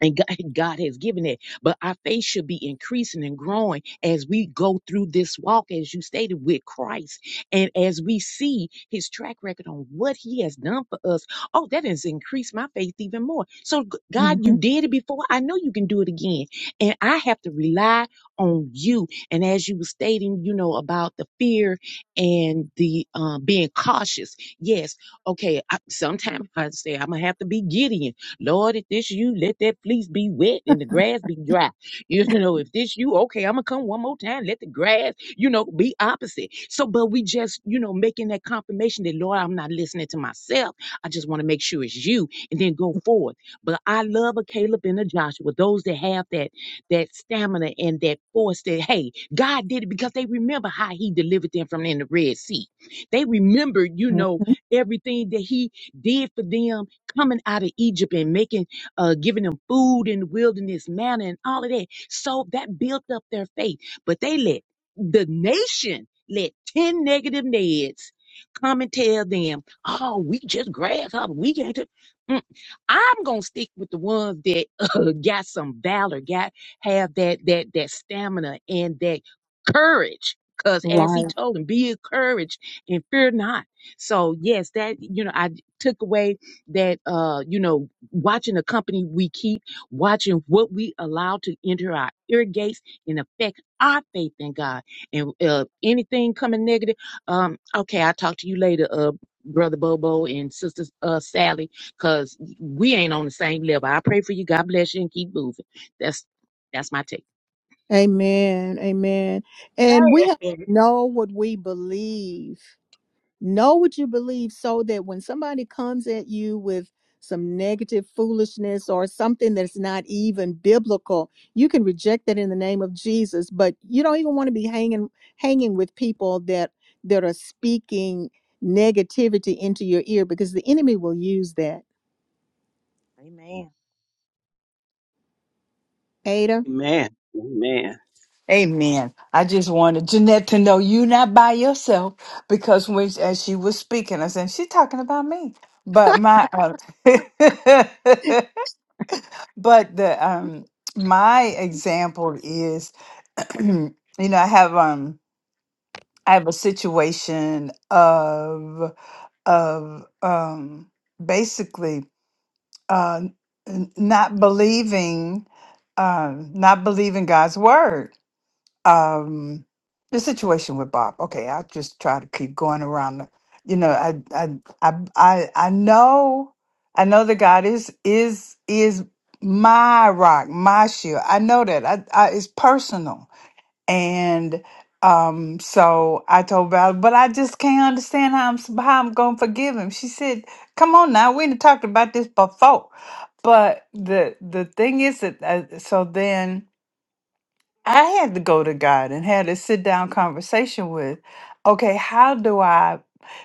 Speaker 11: and God, God has given it. But our faith should be increasing and growing as we go through this walk, as you stated, with Christ, and as we see His track record on what He has done for us. Oh, that has increased my faith even more. So, G- God, you did it before. I know you can do it again, and I have to rely on you. And as you were stating, you know about the fear and the um, being cautious. Yes, okay. I, sometimes I say I'm gonna have to be Gideon Lord, if this you, let that fleece be wet and the grass be dry. You know, if this you, okay, I'm gonna come one more time. Let the grass, you know, be opposite. So, but we just, you know, making that confirmation that Lord, I'm not listening to myself. I just want to make sure it's you, and then go forward. But I love a Caleb and a Joshua, those that have that that stamina and that force. That hey, God did it because they remember how He delivered them from in the Red Sea. They remembered, you know,
Speaker 1: Mhm.
Speaker 11: everything that He did for them coming out of Egypt and making, uh, giving them food in the wilderness, manna, and all of that. So that built up their faith. But they let the nation let 10 negative Neds come and tell them, oh, we just grasshopper. We can't. do-" Mm. I'm going to stick with the ones that uh, got some valor, got, have that, that, that stamina and that courage. Cause as he
Speaker 1: Right.
Speaker 11: told him, be encouraged and fear not. So yes, that, you know, I took away that uh you know watching the company we keep watching what we allow to enter our ear gates and affect our faith in god and uh anything coming negative um okay i'll talk to you later uh brother bobo and sister uh sally because we ain't on the same level i pray for you god bless you and keep moving that's that's my take
Speaker 1: Amen. Amen. And we have
Speaker 8: Amen.
Speaker 1: to know what we believe. Know what you believe so that when somebody comes at you with some negative foolishness or something that's not even biblical, you can reject that in the name of Jesus. But you don't even want to be hanging hanging with people that that are speaking negativity into your ear because the enemy will use that.
Speaker 11: Amen.
Speaker 1: Ada,
Speaker 8: Amen. Amen.
Speaker 4: Amen. I just wanted Jeanette to know you not by yourself because when as she was speaking, I said she's talking about me. But my, uh, but the um my example is, you know, I have um I have a situation of of um, basically uh, n- not believing uh, not believing God's word. Um, the situation with Bob. Okay, I'll just try to keep going around. The, you know, I I I I I know I know that God is is is my rock, my shield. I know that. I, I it's personal. And um, so I told Val, but I just can't understand how I'm s- how I'm gonna forgive him. She said, "Come on now, we done talked about this before." But the the thing is that uh so then I had to go to God and had a sit down conversation with, okay, how do I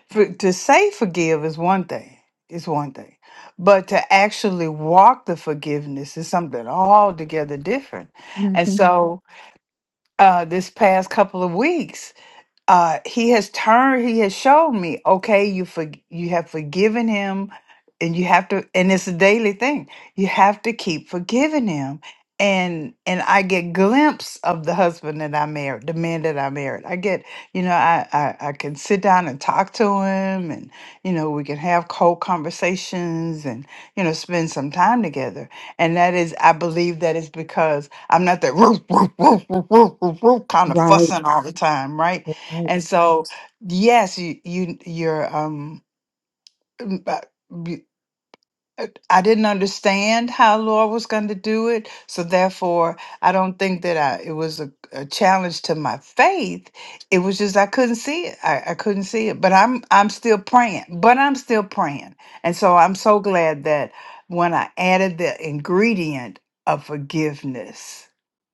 Speaker 4: for, to say forgive is one thing is one thing, but to actually walk the forgiveness is something altogether different, and
Speaker 1: Mm-hmm.
Speaker 4: Mhm. so uh, this past couple of weeks uh he has turned he has showed me okay you for you have forgiven him and you have to and it's a daily thing you have to keep forgiving him and and i get glimpse of the husband that i married the man that i married i get you know i i, I can sit down and talk to him and you know we can have cold conversations and you know spend some time together and that is i believe that is because i'm not that kind of fussing all the time right and so, yes, you, you you're um uh, I didn't understand how Lord was going to do it. So therefore, I don't think that I it was a, a challenge to my faith. It was just I couldn't see it. I, I couldn't see it. But I'm I'm still praying. But I'm still praying. And so I'm so glad that when I added the ingredient of forgiveness,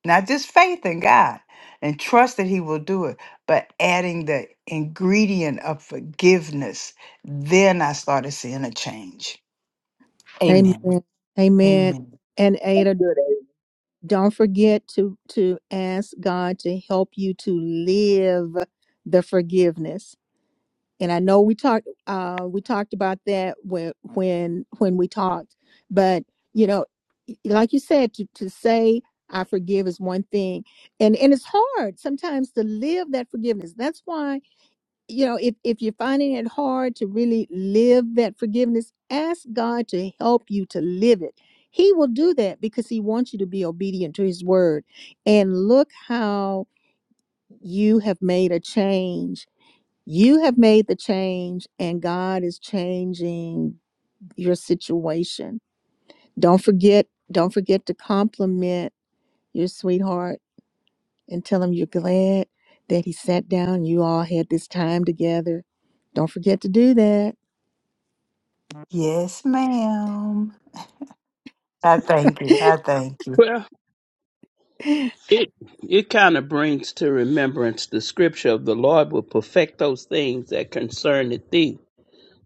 Speaker 4: not just faith in God and trust that He will do it, but adding the ingredient of forgiveness, then I started seeing a change. Amen.
Speaker 1: Amen. Amen.
Speaker 4: Amen.
Speaker 1: And Ada,
Speaker 2: Good.
Speaker 1: don't forget to to ask God to help you to live the forgiveness. And I know we talked uh we talked about that when when when we talked, but you know, y- like you said, to, to say I forgive is one thing. And and it's hard sometimes to live that forgiveness. That's why you know if if you're finding it hard to really live that forgiveness ask god to help you to live it he will do that because he wants you to be obedient to his word and look how you have made a change you have made the change and god is changing your situation don't forget don't forget to compliment your sweetheart and tell him you're glad that he sat down you all had this time together don't forget to do that
Speaker 4: Yes, ma'am. I thank you. I thank you.
Speaker 8: Well, it it kind of brings to remembrance the scripture of the Lord will perfect those things that concern thee.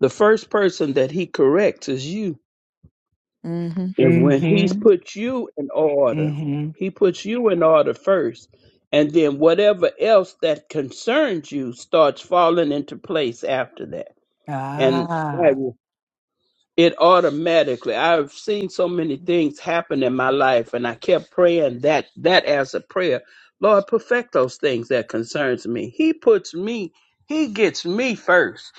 Speaker 8: The first person that he corrects is you.
Speaker 1: Mm-hmm.
Speaker 8: And when he's
Speaker 4: Mm-hmm.
Speaker 8: put you in order,
Speaker 4: Mm-hmm.
Speaker 8: he puts you in order first. And then whatever else that concerns you starts falling into place after that. And
Speaker 4: Ah.
Speaker 8: it automatically i've seen so many things happen in my life and i kept praying that that as a prayer lord perfect those things that concerns me he puts me he gets me first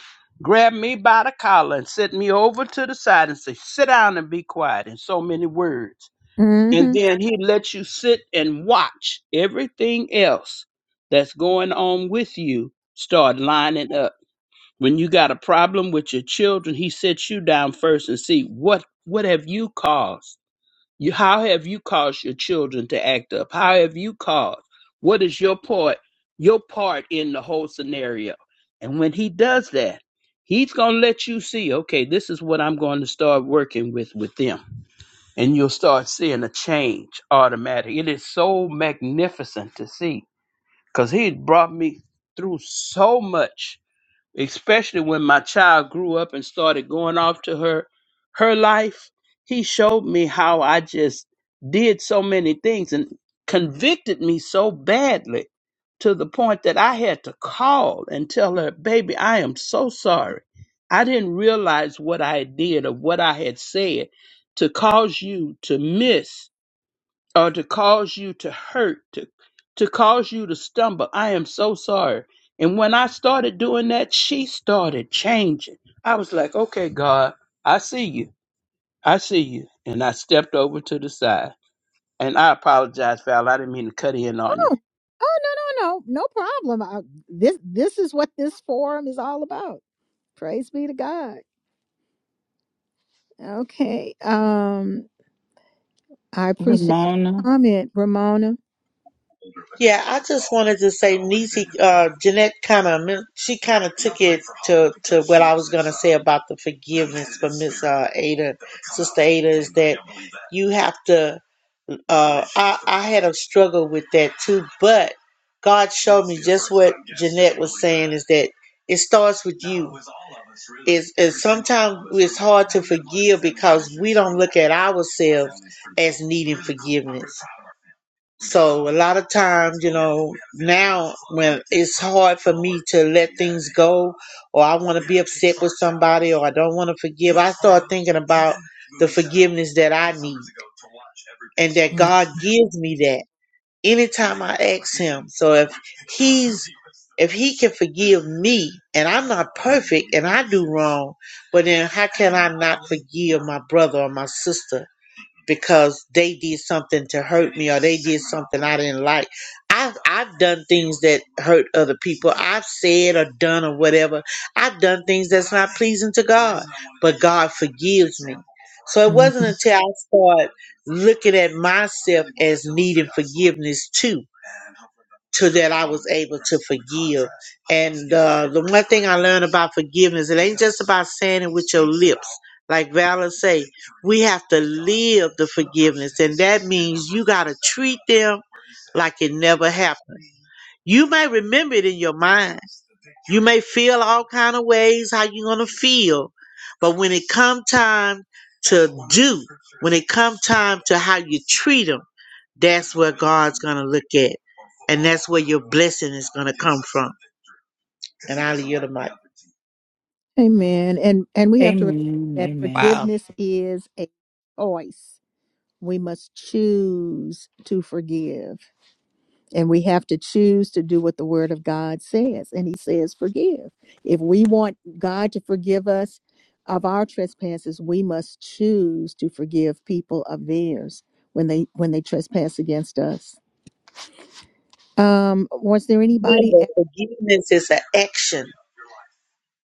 Speaker 8: grab me by the collar and set me over to the side and say sit down and be quiet in so many words and
Speaker 1: Mm-hmm.
Speaker 8: then he lets you sit and watch everything else that's going on with you start lining up when you got a problem with your children, he sets you down first and see what what have you caused? You how have you caused your children to act up? How have you caused? What is your part your part in the whole scenario? And when he does that, he's going to let you see, okay, this is what I'm going to start working with with them. And you'll start seeing a change automatic. It is so magnificent to see cuz he brought me through so much especially when my child grew up and started going off to her her life he showed me how i just did so many things and convicted me so badly to the point that i had to call and tell her baby i am so sorry i didn't realize what i did or what i had said to cause you to miss or to cause you to hurt, to, to cause you to stumble. I am so sorry. And when I started doing that, she started changing. I was like, okay, God, I see you. I see you. And I stepped over to the side. And I apologize, Val. I didn't mean to cut in on you.
Speaker 1: Oh, oh no, no, no, no problem. I, this this is what this forum is all about. Praise be to God. Okay. Um, I appreciate the
Speaker 4: Ramona.
Speaker 1: comment, Ramona.
Speaker 12: Yeah, I just wanted to say, Niecy, uh, Jeanette kind of she kind of took it to to what I was gonna say about the forgiveness for Miss uh, Ada, Sister Ada, is that you have to. Uh, I I had a struggle with that too, but God showed me just what Jeanette was saying is that it starts with you. It's is sometimes it's hard to forgive because we don't look at ourselves as needing forgiveness. So a lot of times, you know, now when it's hard for me to let things go or I want to be upset with somebody or I don't want to forgive, I start thinking about the forgiveness that I need and that
Speaker 1: Mm,
Speaker 12: God gives me that anytime I ask him. So if he's if he can forgive me and I'm not perfect and I do wrong, but then how can I not forgive my brother or my sister? because they did something to hurt me or they did something I didn't like. I've I've done things that hurt other people. I've said or done or whatever. I've done things that's not pleasing to God. But God forgives me. So it wasn't
Speaker 1: Mhm.
Speaker 12: until I started looking at myself as needing forgiveness too to that I was able to forgive. And uh, the one thing I learned about forgiveness, it ain't just about saying it with your lips. Like Valor say, we have to live the forgiveness, and that means you gotta treat them like it never happened. You may remember it in your mind. You may feel all kind of ways how you're gonna feel, but when it come time to do, when it come time to how you treat them, that's where God's gonna look at, and that's where your blessing is gonna come from. And I'll yield the mic.
Speaker 1: Amen. And and we have to remember
Speaker 4: Amen.
Speaker 1: that
Speaker 4: Amen.
Speaker 10: Wow.
Speaker 1: forgiveness is a choice. We must choose to forgive. And we have to choose to do what the word of God says. And he says, forgive. If we want God to forgive us of our trespasses, we must choose to forgive people of theirs when they when they trespass against us. Um, was there anybody
Speaker 12: Remember, forgiveness is an action.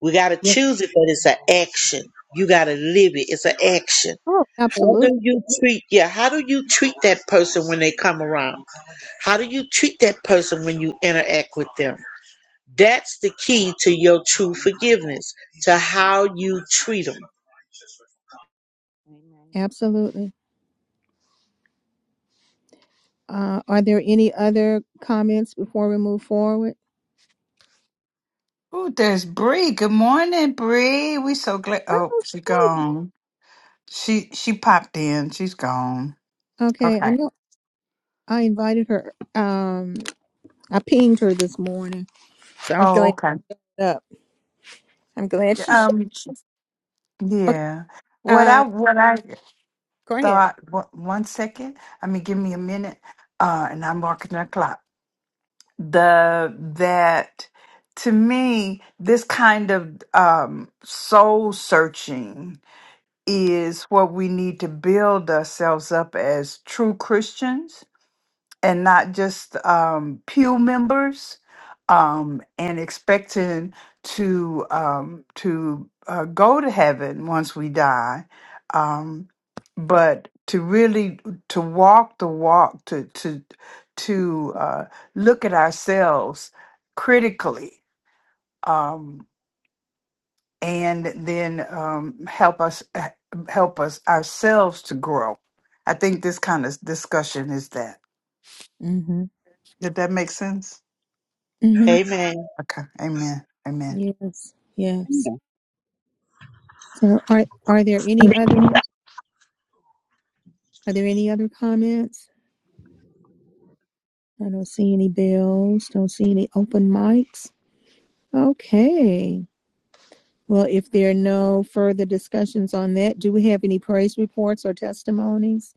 Speaker 12: We gotta
Speaker 1: else?
Speaker 12: choose it, but it's an action. You gotta live it. It's an action.
Speaker 1: Oh,
Speaker 12: How
Speaker 1: absolutely.
Speaker 12: do you treat? Yeah, how do you treat that person when they come around? How do you treat that person when you interact with them? That's the key to your true forgiveness, to how you treat them.
Speaker 11: Amen.
Speaker 1: Absolutely. Uh, are there any other comments before we move forward?
Speaker 4: Oh, there's Bree. Good morning, Bree. We so glad
Speaker 1: I
Speaker 4: oh,
Speaker 1: don't
Speaker 4: she
Speaker 1: see.
Speaker 4: gone. She she popped in. She's gone.
Speaker 1: Okay, I
Speaker 4: Okay.
Speaker 1: know I invited her. Um, I pinged her this morning, so I'm
Speaker 4: Oh,
Speaker 1: filling
Speaker 4: okay.
Speaker 1: it up. I'm glad she shared.
Speaker 4: Um
Speaker 1: Okay.
Speaker 4: yeah. What I
Speaker 1: Um,
Speaker 4: what I
Speaker 1: go ahead.
Speaker 4: thought one, one second. I mean give me a minute. Uh and I'm marking the clock. the that to me this kind of um soul searching is what we need to build ourselves up as true christians and not just um, pew members um, and expecting to um, to uh, go to heaven once we die um, but to really to walk the walk to to to uh, look at ourselves critically um, and then um, help us help us ourselves to grow i think this kind of discussion is that
Speaker 1: Mm-hmm.
Speaker 4: did that make sense
Speaker 1: Mm-hmm.
Speaker 12: Amen.
Speaker 4: Okay. Amen. Amen.
Speaker 1: Yes. Yes. So are are there any other are there any other comments? I don't see any bells. Don't see any open mics. Okay. Well, if there are no further discussions on that, do we have any praise reports or testimonies?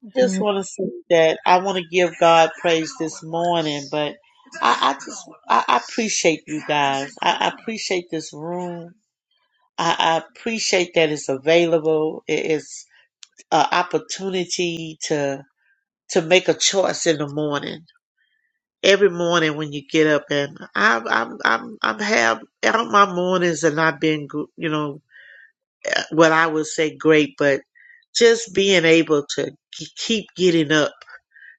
Speaker 12: I Just want to say that I want to give God praise this morning, but I, I just I, I appreciate you guys. I, I appreciate this room. I, I appreciate that it's available. It is an opportunity to to make a choice in the morning every morning when you get up and I'm I'm I'm I'm have my mornings have not been you know what I would say great, but just being able to keep getting up,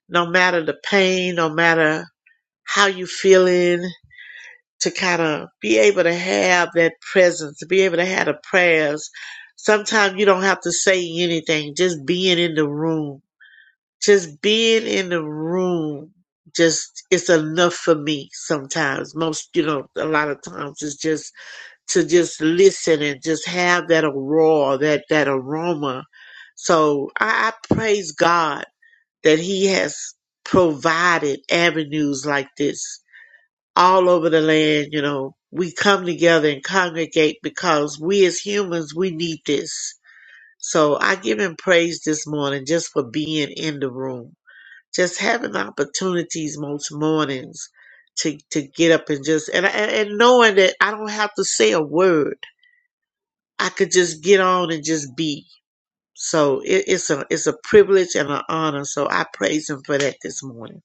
Speaker 12: no matter the pain, no matter how you feeling, to kind of be able to have that presence, to be able to have the prayers. Sometimes you don't have to say anything, just being in the room just being in the room just it's enough for me sometimes most you know a lot of times it's just to just listen and just have that aurora that that aroma so i, I praise god that he has provided avenues like this all over the land you know we come together and congregate because we as humans we need this so i give him praise this morning just for being in the room just having opportunities most mornings to to get up and just and and and knowing that I don't have to say a word, I could just get on and just be. So it, it's a it's a privilege and an honor. So I praise him for that this morning.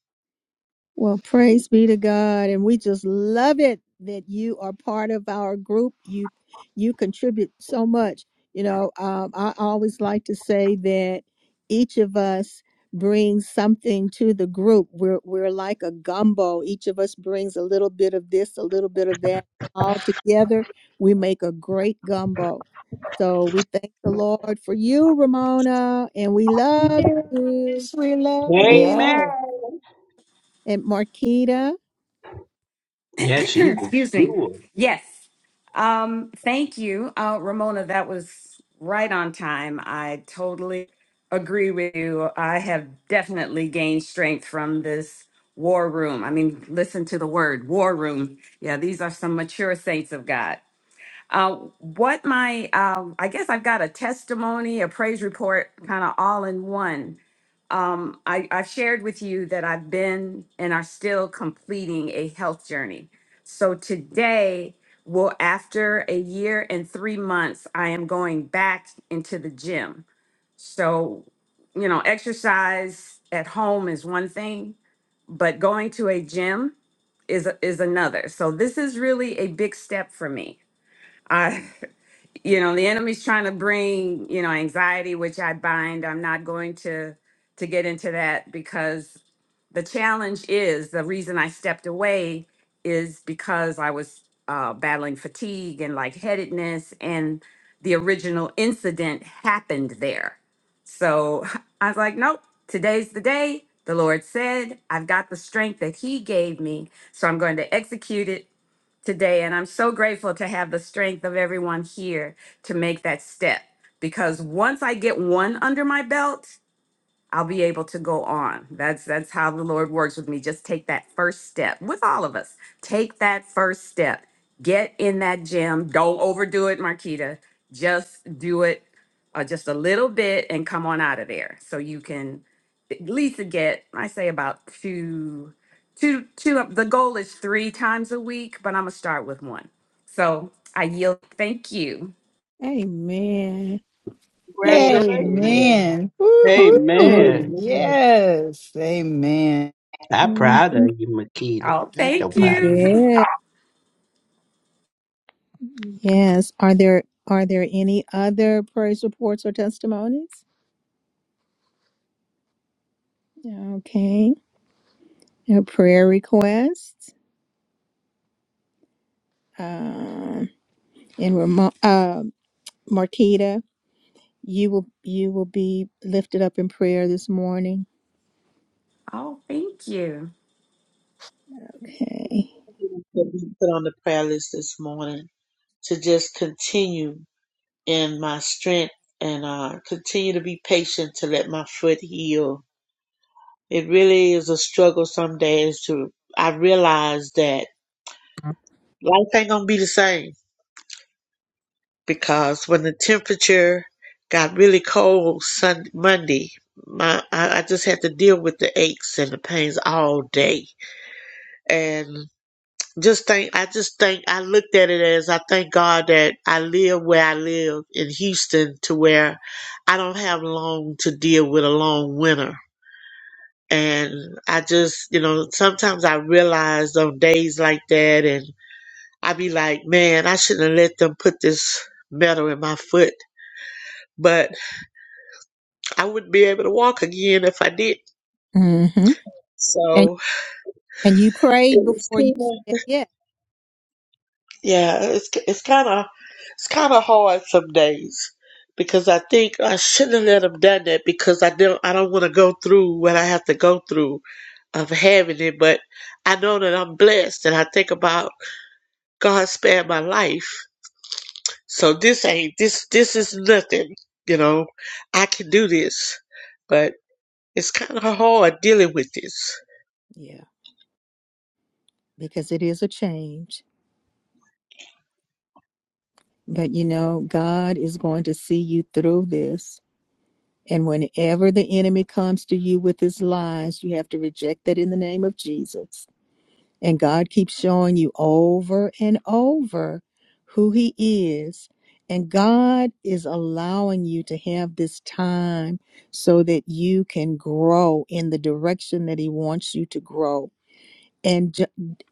Speaker 1: Well, praise be to God, and we just love it that you are part of our group. You you contribute so much. You know, um, I always like to say that each of us brings something to the group. We're we're like a gumbo. Each of us brings a little bit of this, a little bit of that. All together, we make a great gumbo. So we thank the Lord for you, Ramona, and we love you
Speaker 4: Yes, we love
Speaker 8: Amen.
Speaker 4: you.
Speaker 10: Yeah.
Speaker 1: and Marquita.
Speaker 8: Yeah, she's a
Speaker 10: Excuse me.
Speaker 8: jewel.
Speaker 10: Yes. Um, thank you, uh, Ramona. That was right on time. I totally agree with you. I have definitely gained strength from this war room. I mean, listen to the word war room. Yeah, these are some mature saints of God. Uh, what my, um, I guess I've got a testimony, a praise report, kind of all in one. Um, I, I've shared with you that I've been and are still completing a health journey. So today, well, after a year and three months, I am going back into the gym. So, you know, exercise at home is one thing, but going to a gym is is another. So this is really a big step for me. you know the enemy's trying to bring you know anxiety which i bind i'm not going to to get into that because the challenge is the reason i stepped away is because i was uh, battling fatigue and lightheadedness and the original incident happened there so i was like nope today's the day the lord said i've got the strength that he gave me so i'm going to execute it today. And I'm so grateful to have the strength of everyone here to make that step because once I get one under my belt, I'll be able to go on. That's that's how the Lord works with me. Just take that first step with all of us. Take that first step. Get in that gym. Don't overdo it, Marquita. Just do it uh, just a little bit and come on out of there. So you can at least get, I say about two, two, two. The goal is three times a week, but I'm gonna start with one. So I yield. Thank you.
Speaker 1: Amen.
Speaker 12: Amen.
Speaker 2: Amen.
Speaker 12: Amen.
Speaker 8: Congratulations.
Speaker 4: Amen.
Speaker 1: Beautiful.
Speaker 8: Amen.
Speaker 4: Woohoo.
Speaker 3: Amen.
Speaker 4: Yes. Amen.
Speaker 8: I'm proud
Speaker 1: Mhm.
Speaker 8: of you, Makita.
Speaker 10: Oh,
Speaker 8: I'm so
Speaker 10: thank
Speaker 8: proud of
Speaker 10: you.
Speaker 8: you.
Speaker 1: Yeah. Yes. Are there are there any other praise reports or testimonies? Okay. Uh, prayer requests. Um, and Ramo- uh, Marquita, you will you will be lifted up in prayer this morning.
Speaker 10: Oh, thank you.
Speaker 1: Okay.
Speaker 12: Put on the prayer list this morning to just continue. and my strength and uh, continue to be patient to let my foot heal. It really is a struggle some days to, I realize that life ain't gonna be the same because when the temperature got really cold Sunday, Monday, my, I, I just had to deal with the aches and the pains all day. And just think I just think I looked at it as I thank God that I live where I live in Houston to where I don't have long to deal with a long winter. And I just, you know, sometimes I realize on days like that and I be like, man, I shouldn't have let them put this metal in my foot. But I wouldn't be able to walk again if I did.
Speaker 1: Mm-hmm. And
Speaker 12: So
Speaker 1: and you
Speaker 12: it
Speaker 1: prayed
Speaker 12: was
Speaker 1: before you
Speaker 12: cool.
Speaker 1: said yes.
Speaker 12: Yeah, it's it's kind of it's kind of hard some days because I think I shouldn't have let him done that because I don't I don't want to go through what I have to go through of having it, but I know that I'm blessed and I think about God spared my life, so this ain't this this is nothing, you know. I can do this, but it's kind of hard dealing with this.
Speaker 1: Yeah. Because it is a change. But you know, God is going to see you through this. And whenever the enemy comes to you with his lies, you have to reject that in the name of Jesus. And God keeps showing you over and over who he is. And God is allowing you to have this time so that you can grow in the direction that he wants you to grow. And ju-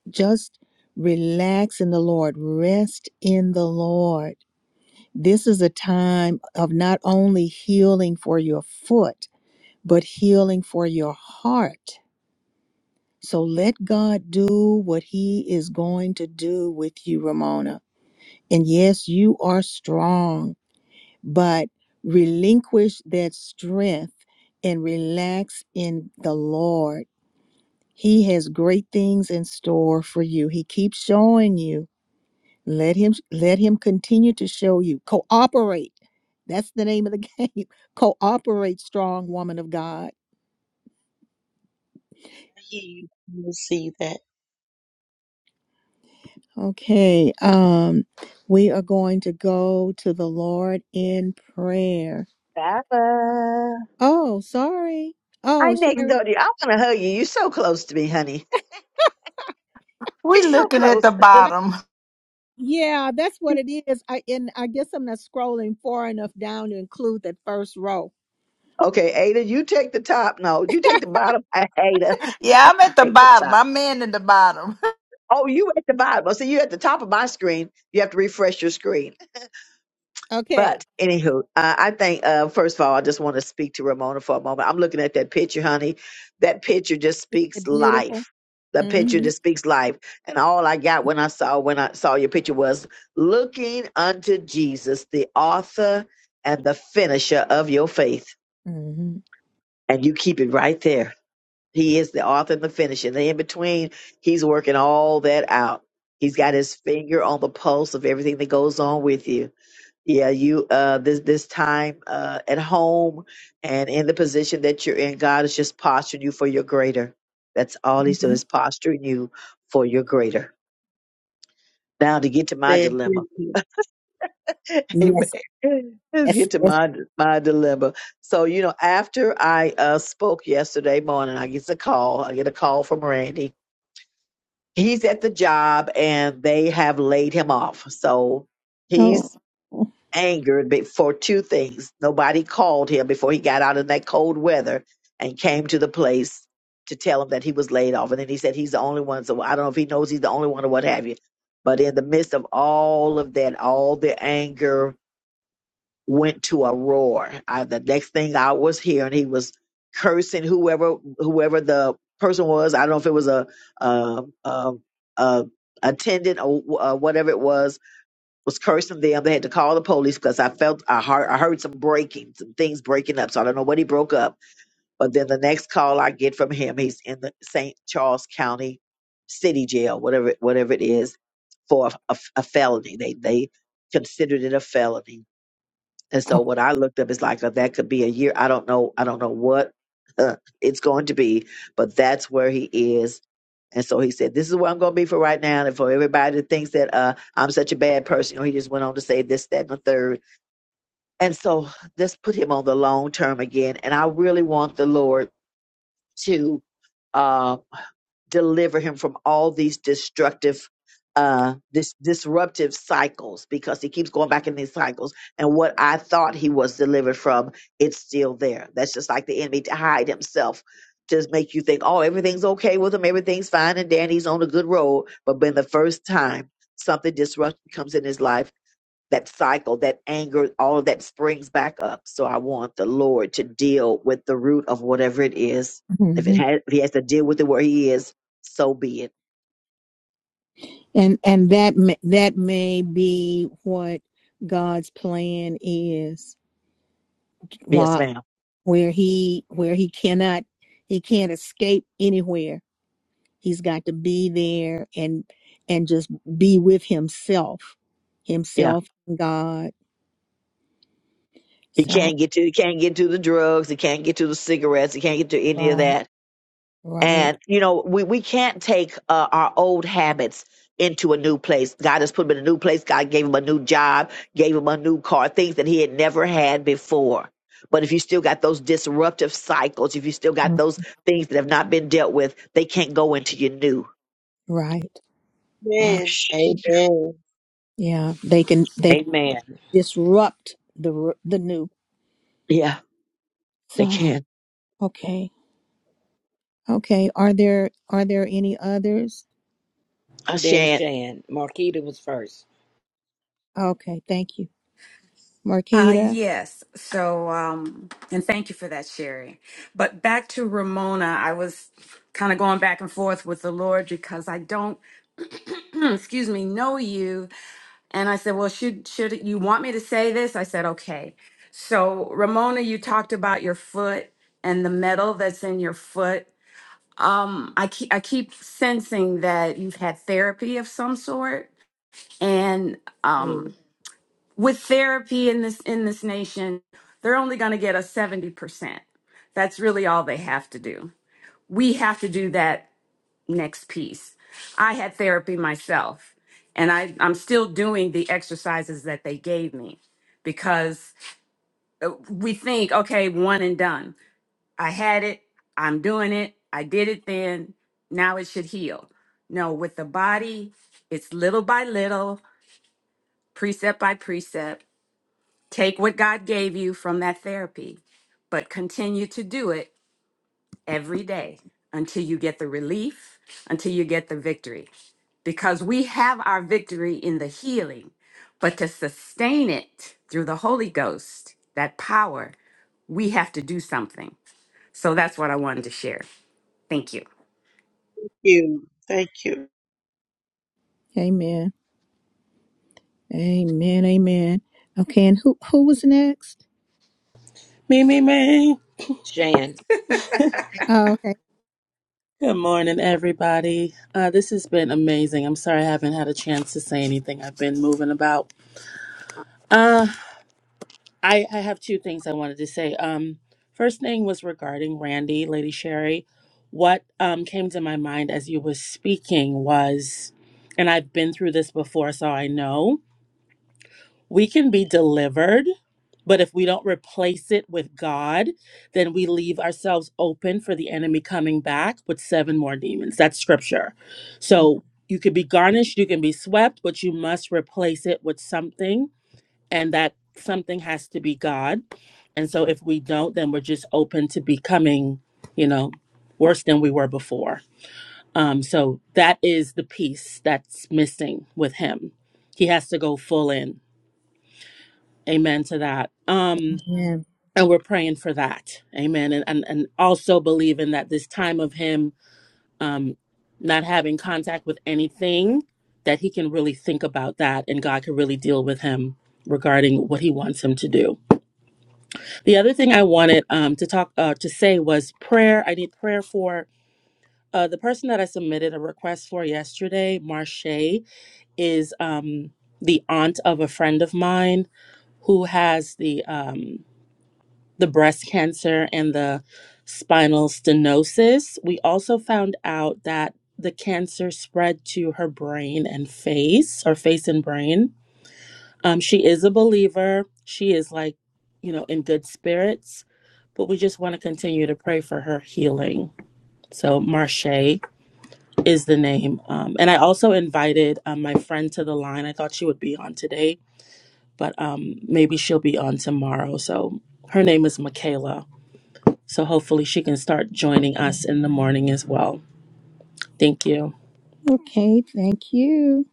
Speaker 1: just relax in the Lord, rest in the Lord. This is a time of not only healing for your foot but healing for your heart. So let God do what He is going to do with you, Ramona. And yes, you are strong, but relinquish that strength and relax in the Lord. He has great things in store for you. He keeps showing you. Let him let him continue to show you. Cooperate. That's the name of the game. Cooperate, strong woman of God
Speaker 12: You will see that,
Speaker 1: Okay, um, we are going to go to the Lord in prayer.
Speaker 2: Papa.
Speaker 1: Oh, sorry.
Speaker 2: Hi,
Speaker 1: Oh,
Speaker 2: next
Speaker 1: Sherry.
Speaker 2: door to you. I want to hug you. You're so close to me, honey. You're
Speaker 4: We
Speaker 2: so
Speaker 4: looking at
Speaker 2: close.
Speaker 4: the
Speaker 1: I-
Speaker 4: bottom.
Speaker 1: Yeah, that's what it is. I and I guess I'm not scrolling far enough down to include that first row.
Speaker 2: Okay, Ada, you take the top. No, you take the bottom. Ada,
Speaker 4: Yeah, I'm at
Speaker 2: you
Speaker 4: the
Speaker 2: take the
Speaker 4: bottom.
Speaker 2: top.
Speaker 4: I'm in at the bottom.
Speaker 2: Oh, you at the bottom. Oh, see, you at the top of my screen. You have to refresh your screen.
Speaker 1: Okay,
Speaker 2: But anywho, uh, I think uh, first of all, I just want to speak to Ramona for a moment. I'm looking at that picture, honey. That picture just
Speaker 1: isn't
Speaker 2: speaks
Speaker 1: it beautiful?
Speaker 2: life. The picture
Speaker 1: Mm-hmm.
Speaker 2: just speaks life. And all I got when I saw when I saw your picture was looking unto Jesus, the author and the finisher of your faith.
Speaker 1: Mm-hmm.
Speaker 2: And you keep it right there He is the author and the finisher. And in between, he's working all that out. He's got his finger on the pulse of everything that goes on with you. Yeah, you uh this this time uh at home and in the position that you're in, God is just posturing you for your greater. That's all he's doing
Speaker 1: hmm
Speaker 2: is posturing you for your greater. Now to get to my
Speaker 12: man?
Speaker 2: dilemma.
Speaker 12: Thank you,
Speaker 1: Yes,
Speaker 2: Amen. Let's
Speaker 1: yes,
Speaker 2: get to
Speaker 1: yes.
Speaker 2: my my dilemma. So, you know, after I uh spoke yesterday morning, I get a call. I get a call from Randy he's at the job and they have laid him off. So
Speaker 1: Oh,
Speaker 2: he's angered be- for two things. Nobody called him before he got out in that cold weather and came to the place to tell him that he was laid off. And then he said he's the only one. So I don't know if he knows he's the only one or what have you. But in the midst of all of that, all the anger, went to a roar. I, the next thing I was hearing, he was cursing whoever whoever the person was. I don't know if it was a a, a, a attendant or uh, whatever it was was cursing them. They had to call the police because I felt I heard I heard some breaking, some things breaking up. So I don't know what he broke up. But then the next call I get from him, he's in the St. Charles County City Jail, whatever whatever it is, for a, a felony. They they considered it a felony and so
Speaker 1: oh.
Speaker 2: what I looked up is like uh, that could be a year. I don't know. I don't know what uh, it's going to be, but that's where he is. And so he said, "This is where I'm going to be for right now." And for everybody that thinks that uh, I'm such a bad person, you know, he just went on to say this, that, and the third. And so this put him on the long term again. And I really want the Lord to. um, deliver him from all these destructive uh this disruptive cycles because he keeps going back in these cycles and what i thought he was delivered from it's still there that's just like the enemy to hide himself just make you think oh everything's okay with him everything's fine and danny's on a good road but when the first time something disruptive comes in his life that cycle, that anger, all of that springs back up. So I want the Lord to deal with the root of whatever it is. If
Speaker 1: hmm
Speaker 2: it has, if he has to deal with it where he is, so be it.
Speaker 1: And and that may, that may be what God's plan is.
Speaker 2: Yes, ma'am.
Speaker 1: where he where he cannot he can't escape anywhere he's got to be there and and just be with himself
Speaker 2: Yeah.
Speaker 1: himself and god
Speaker 2: He
Speaker 1: so
Speaker 2: can't get to, he can't get to the drugs. He can't get to the cigarettes. He can't get to any of
Speaker 1: right
Speaker 2: that
Speaker 1: right
Speaker 2: And you know, we we can't take uh, our old habits into a new place. God has put him in a new place. God gave him a new job, gave him a new car, things that he had never had before. But if you still got those disruptive cycles, if you still got
Speaker 1: mm,
Speaker 2: those things that have not been dealt with, they can't go into your new.
Speaker 1: right right
Speaker 12: man.
Speaker 2: Shh.
Speaker 12: Amen.
Speaker 1: yeah they can they can
Speaker 9: Amen.
Speaker 1: disrupt the r- the new
Speaker 2: Yeah, they
Speaker 1: so
Speaker 2: can.
Speaker 1: okay okay are there are there any others
Speaker 2: I
Speaker 9: Then
Speaker 2: shan't.
Speaker 9: Shan. Marquita was first.
Speaker 1: okay thank you
Speaker 10: Uh,
Speaker 1: marquita
Speaker 10: yes. So, um, and thank you for that, Sherry. But back to Ramona, I was kind of going back and forth with the Lord because I don't, excuse me, know you. And I said, well, should, should you want me to say this? I said, okay. So Ramona, you talked about your foot and the metal that's in your foot. Um, I keep, I keep sensing that you've had therapy of some sort. And, um
Speaker 12: Thank
Speaker 10: with therapy in this in this nation they're only going to get a 70% that's really all they have to do we have to do that next piece i had therapy myself and I, i'm still doing the exercises that they gave me because uh, we think okay one and done i had it i'm doing it i did it then now it should heal no with the body it's little by little precept by precept Take what God gave you from that therapy, but continue to do it every day until you get the relief, until you get the victory. Because we have our victory in the healing, but to sustain it through the Holy Ghost, that power, we have to do something. So that's what I wanted to share. Thank you.
Speaker 12: you. Thank you.
Speaker 1: amen amen amen okay and who who was next
Speaker 7: Me, me, me.
Speaker 9: Shan.
Speaker 1: Oh, okay.
Speaker 7: Good morning, everybody. Uh, this has been amazing. I'm sorry I haven't had a chance to say anything. I've been moving about. Uh, I, I have two things I wanted to say. Um, first thing was regarding Randy, Lady Sherry. What um, came to my mind as you were speaking was, and I've been through this before, so I know. We can be delivered, but if we don't replace it with God, then we leave ourselves open for the enemy coming back with seven more demons. That's scripture. So you could be garnished, you can be swept, but you must replace it with something, and that something has to be God. And so if we don't, then we're just open to becoming, you know, worse than we were before. Um, so that is the piece that's missing with him. He has to go full in. Amen to that. Um,
Speaker 1: Yeah.
Speaker 7: and we're praying for that. Amen. And and, and also believing that this time of him um not having contact with anything, that he can really think about that and God can really deal with him regarding what he wants him to do. The other thing I wanted um to talk uh to say was prayer. I need prayer for uh the person that I submitted a request for yesterday, Marche, is um the aunt of a friend of mine who has the um the breast cancer and the spinal stenosis. We also found out that the cancer spread to her brain and face, or face and brain. Um, she is a believer. She is like, you know, in good spirits, but we just want to continue to pray for her healing. So, Marche is the name. Um, and I also invited um, my friend to the line. I thought she would be on today, but um, maybe she'll be on tomorrow. So, her name is Michaela. So hopefully she can start joining us in the morning as well. Thank you.
Speaker 1: Okay, thank you.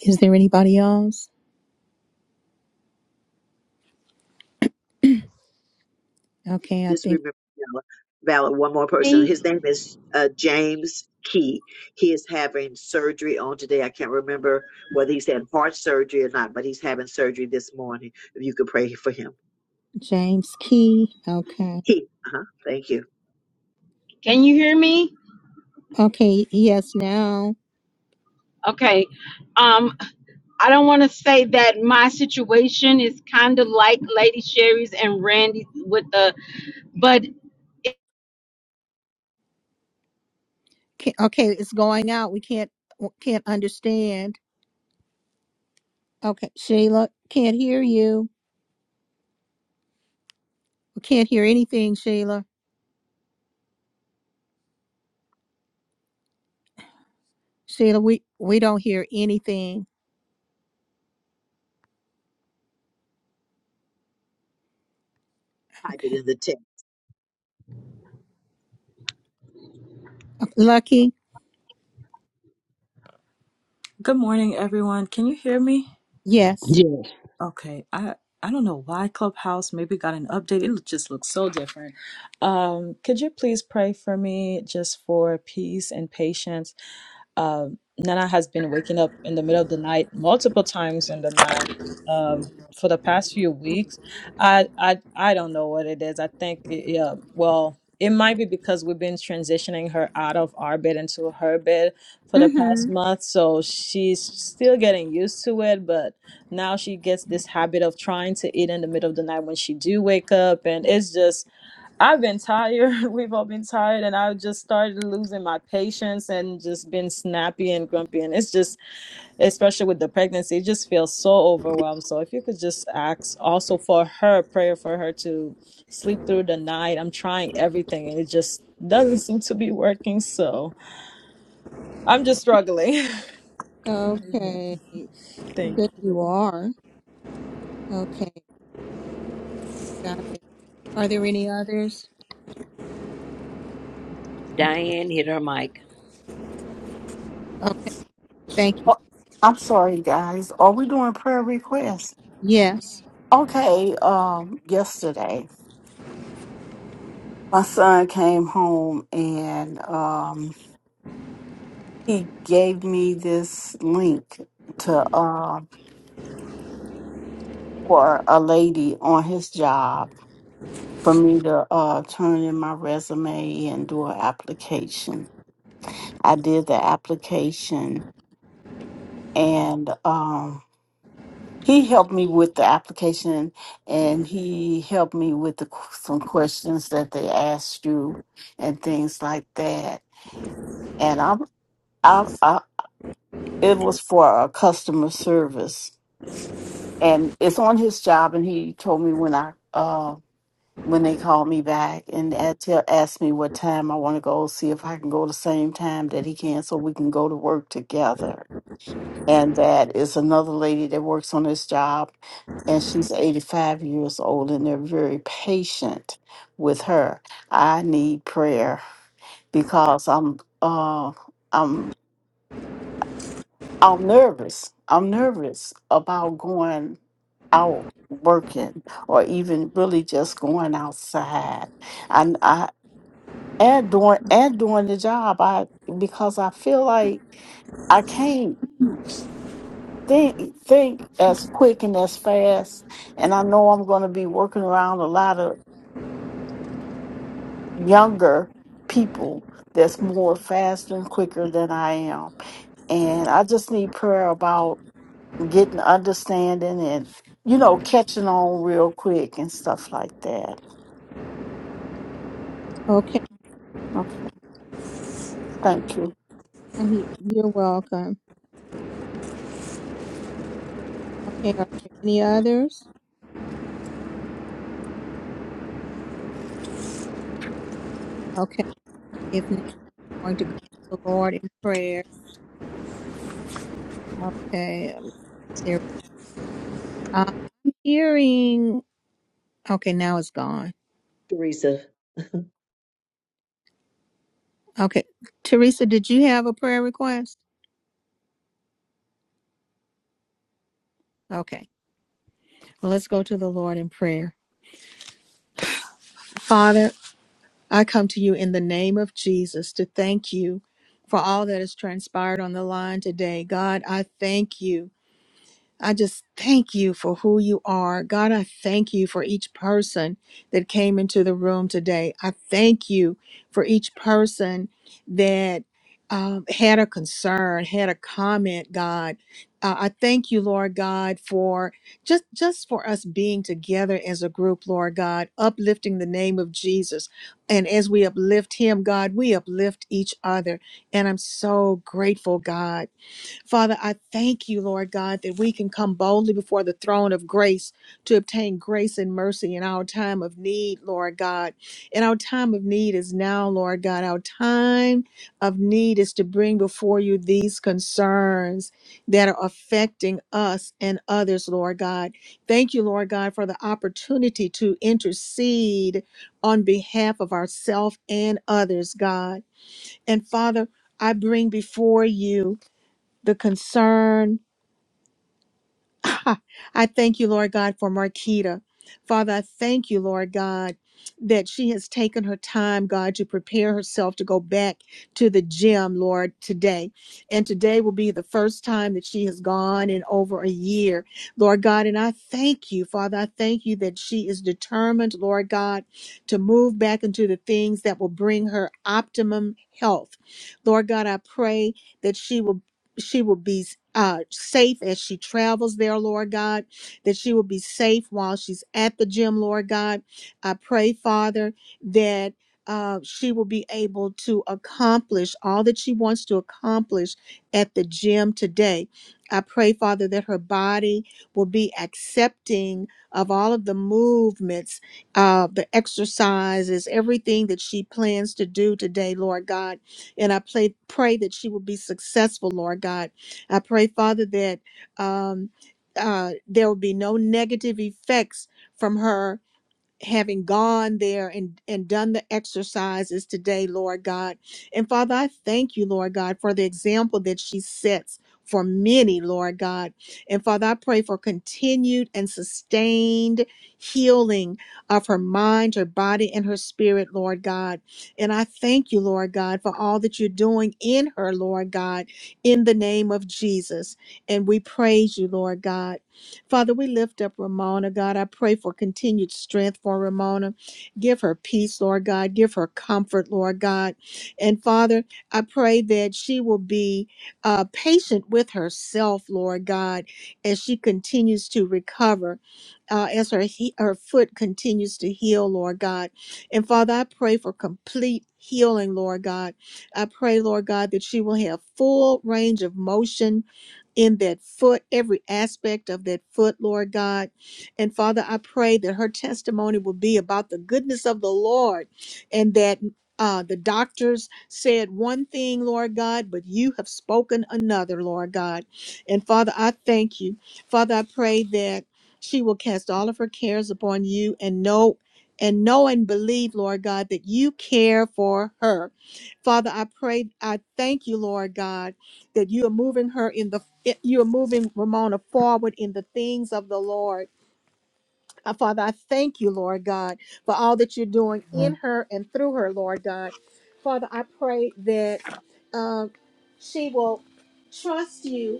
Speaker 1: Is there anybody else? Okay, I
Speaker 2: just
Speaker 1: think
Speaker 2: remember Valid, one more person. His
Speaker 13: me?
Speaker 2: name is uh, James Key. He is having surgery on today. I can't remember whether he's had heart surgery or not, but he's having surgery this morning. If you could pray for him.
Speaker 1: James Key. Okay.
Speaker 2: He, uh-huh, thank you.
Speaker 13: Can you hear me?
Speaker 1: Okay, yes, now.
Speaker 13: Okay. Um, I don't want to say that my situation is kind of like Lady Sherry's and Randy's with the, but
Speaker 1: Ca- Okay, it's going out. We can't can't understand. Okay, Sheila, can't hear you. We can't hear anything, Sheila. Sheila, we we don't hear anything.
Speaker 2: Type it
Speaker 1: Okay.
Speaker 2: in the text.
Speaker 1: Lucky?
Speaker 14: Good morning, everyone. Can you hear me?
Speaker 1: Yes.
Speaker 14: Okay. I I don't know why Clubhouse maybe got an update. It just looks so different. Um, could you please pray for me just for peace and patience? Um, Nana has been waking up in the middle of the night multiple times in the night um, for the past few weeks. I I I don't know what it is. I think yeah. Well, it might be because we've been transitioning her out of our bed into her bed for the past
Speaker 1: Mhm.
Speaker 14: month, so she's still getting used to it. But now she gets this habit of trying to eat in the middle of the night when she do wake up, and it's just I've been tired. We've all been tired, and I've just started losing my patience and just been snappy and grumpy. And it's just, especially with the pregnancy, it just feels so overwhelmed. So if you could just ask also for her prayer for her to sleep through the night. I'm trying everything, and it just doesn't seem to be working. So I'm just struggling. Amen.
Speaker 1: Okay. I
Speaker 14: Thank
Speaker 1: bet you
Speaker 14: you.
Speaker 1: are. Okay, got it. Are there any others?
Speaker 9: Diane hit her mic.
Speaker 1: Okay. Thank you.
Speaker 15: Oh, I'm sorry, guys. Are we doing prayer requests?
Speaker 1: Yes.
Speaker 15: Okay. Um, yesterday, my son came home and um, he gave me this link to uh, for a lady on his job for me to uh, turn in my resume and do an application. I did the application and. um, He helped me with the application and he helped me with the, qu- some questions that they asked you and things like that. And I'm, I, I, it was for a customer service and it's on his job. And he told me when I, uh, when they called me back and at- tell- asked me what time I want to go, see if I can go the same time that he can so we can go to work together. and that is another lady that works on this job and she's 85 years old and they're very patient with her i need prayer because i'm uh i'm i'm nervous i'm nervous about going out working or even really just going outside and i and doing and doing the job i because i feel like i can't think think as quick and as fast and i know i'm going to be working around a lot of younger people that's more faster and quicker than i am and i just need prayer about getting understanding and you know catching on real quick and stuff like that
Speaker 1: Okay.
Speaker 15: okay thank you
Speaker 1: Uh, you- You're welcome. Okay. Are there any others? Okay. If not, I'm going to go to the Lord in prayer. Okay. um, There. Uh, I'm hearing. Okay. Now it's gone.
Speaker 2: Teresa.
Speaker 1: Okay. Teresa, did you have a prayer request? Okay. Well, let's go to the Lord in prayer. Father, I come to you in the name of Jesus to thank you for all that has transpired on the line today. God, I thank you. I just thank you for who you are. God, I thank you for each person that came into the room today. I thank you for each person that um, had a concern, had a comment, God. Uh, I thank you, Lord God, for just just for us being together as a group, Lord God, uplifting the name of Jesus. And as we uplift him, God, we uplift each other. And I'm so grateful, God. Father, I thank you, Lord God, that we can come boldly before the throne of grace to obtain grace and mercy in our time of need, Lord God. And our time of need is now, Lord God. Our time of need is to bring before you these concerns that are affecting us and others, Lord God. Thank you, Lord God, for the opportunity to intercede on behalf of ourselves and others, God. And Father, I bring before you the concern. I thank you, Lord God, for Marquita. Father, I thank you, Lord God, that she has taken her time, God, to prepare herself to go back to the gym, Lord, today. And today will be the first time that she has gone in over a year, Lord God. And I thank you, Father. I thank you that she is determined, Lord God, to move back into the things that will bring her optimum health. Lord God, I pray that she will she will be uh, safe as she travels there, Lord God, that she will be safe while she's at the gym, Lord God. I pray, Father, that uh, she will be able to accomplish all that she wants to accomplish at the gym today. I pray, Father, that her body will be accepting of all of the movements, uh, the exercises, everything that she plans to do today, Lord God and I pray, pray that she will be successful, Lord God. I pray, Father, that um, uh, there will be no negative effects from her having gone there and and done the exercises today lord god and father i thank you lord god for the example that she sets for many lord god and father i pray for continued and sustained healing of her mind her body and her spirit lord god and i thank you lord god for all that you're doing in her lord god in the name of jesus and we praise you lord god Father, we lift up Ramona, God. I pray for continued strength for Ramona. Give her peace, Lord God. Give her comfort, Lord God. And Father, I pray that she will be uh, patient with herself, Lord God, as she continues to recover uh, as her he- her foot continues to heal, Lord God. And Father, I pray for complete healing, Lord God. I pray, Lord God, that she will have full range of motion in that foot, every aspect of that foot, Lord God. And Father, I pray that her testimony will be about the goodness of the Lord and that. Uh, the doctors said one thing, Lord God, but you have spoken another, Lord God. And Father, I thank you. Father, I pray that she will cast all of her cares upon you and know and know and believe, Lord God, that you care for her. Father, I pray, I thank you, Lord God that you are moving her in the eh, you are moving Ramona forward in the things of the Lord. Uh, Father, I thank you, Lord God, for all that you're doing in her and through her, Lord God. Father, I pray that um, she will trust you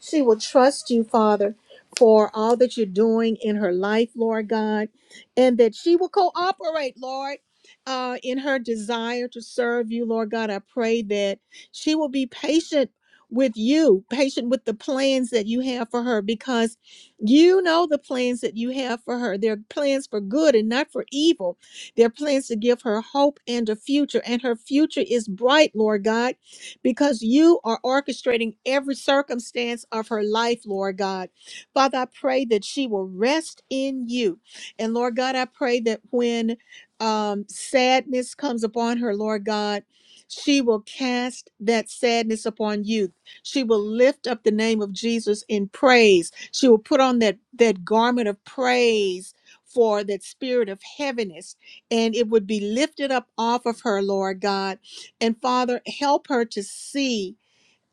Speaker 1: she will trust you, Father, for all that you're doing in her life, Lord God, and that she will cooperate, Lord, uh, in her desire to serve you, Lord God. I pray that she will be patient with you, patient with the plans that you have for her, because you know the plans that you have for her. They're plans for good and not for evil. They're plans to give her hope and a future, and her future is bright, Lord God because you are orchestrating every circumstance of her life, Lord God. Father, I pray that she will rest in you. And Lord God, I pray that when um, sadness comes upon her, Lord God, she will cast that sadness upon you. She will lift up the name of Jesus in praise. She will put on that, that garment of praise for that spirit of heaviness, and it would be lifted up off of her, Lord God and Father, help her to see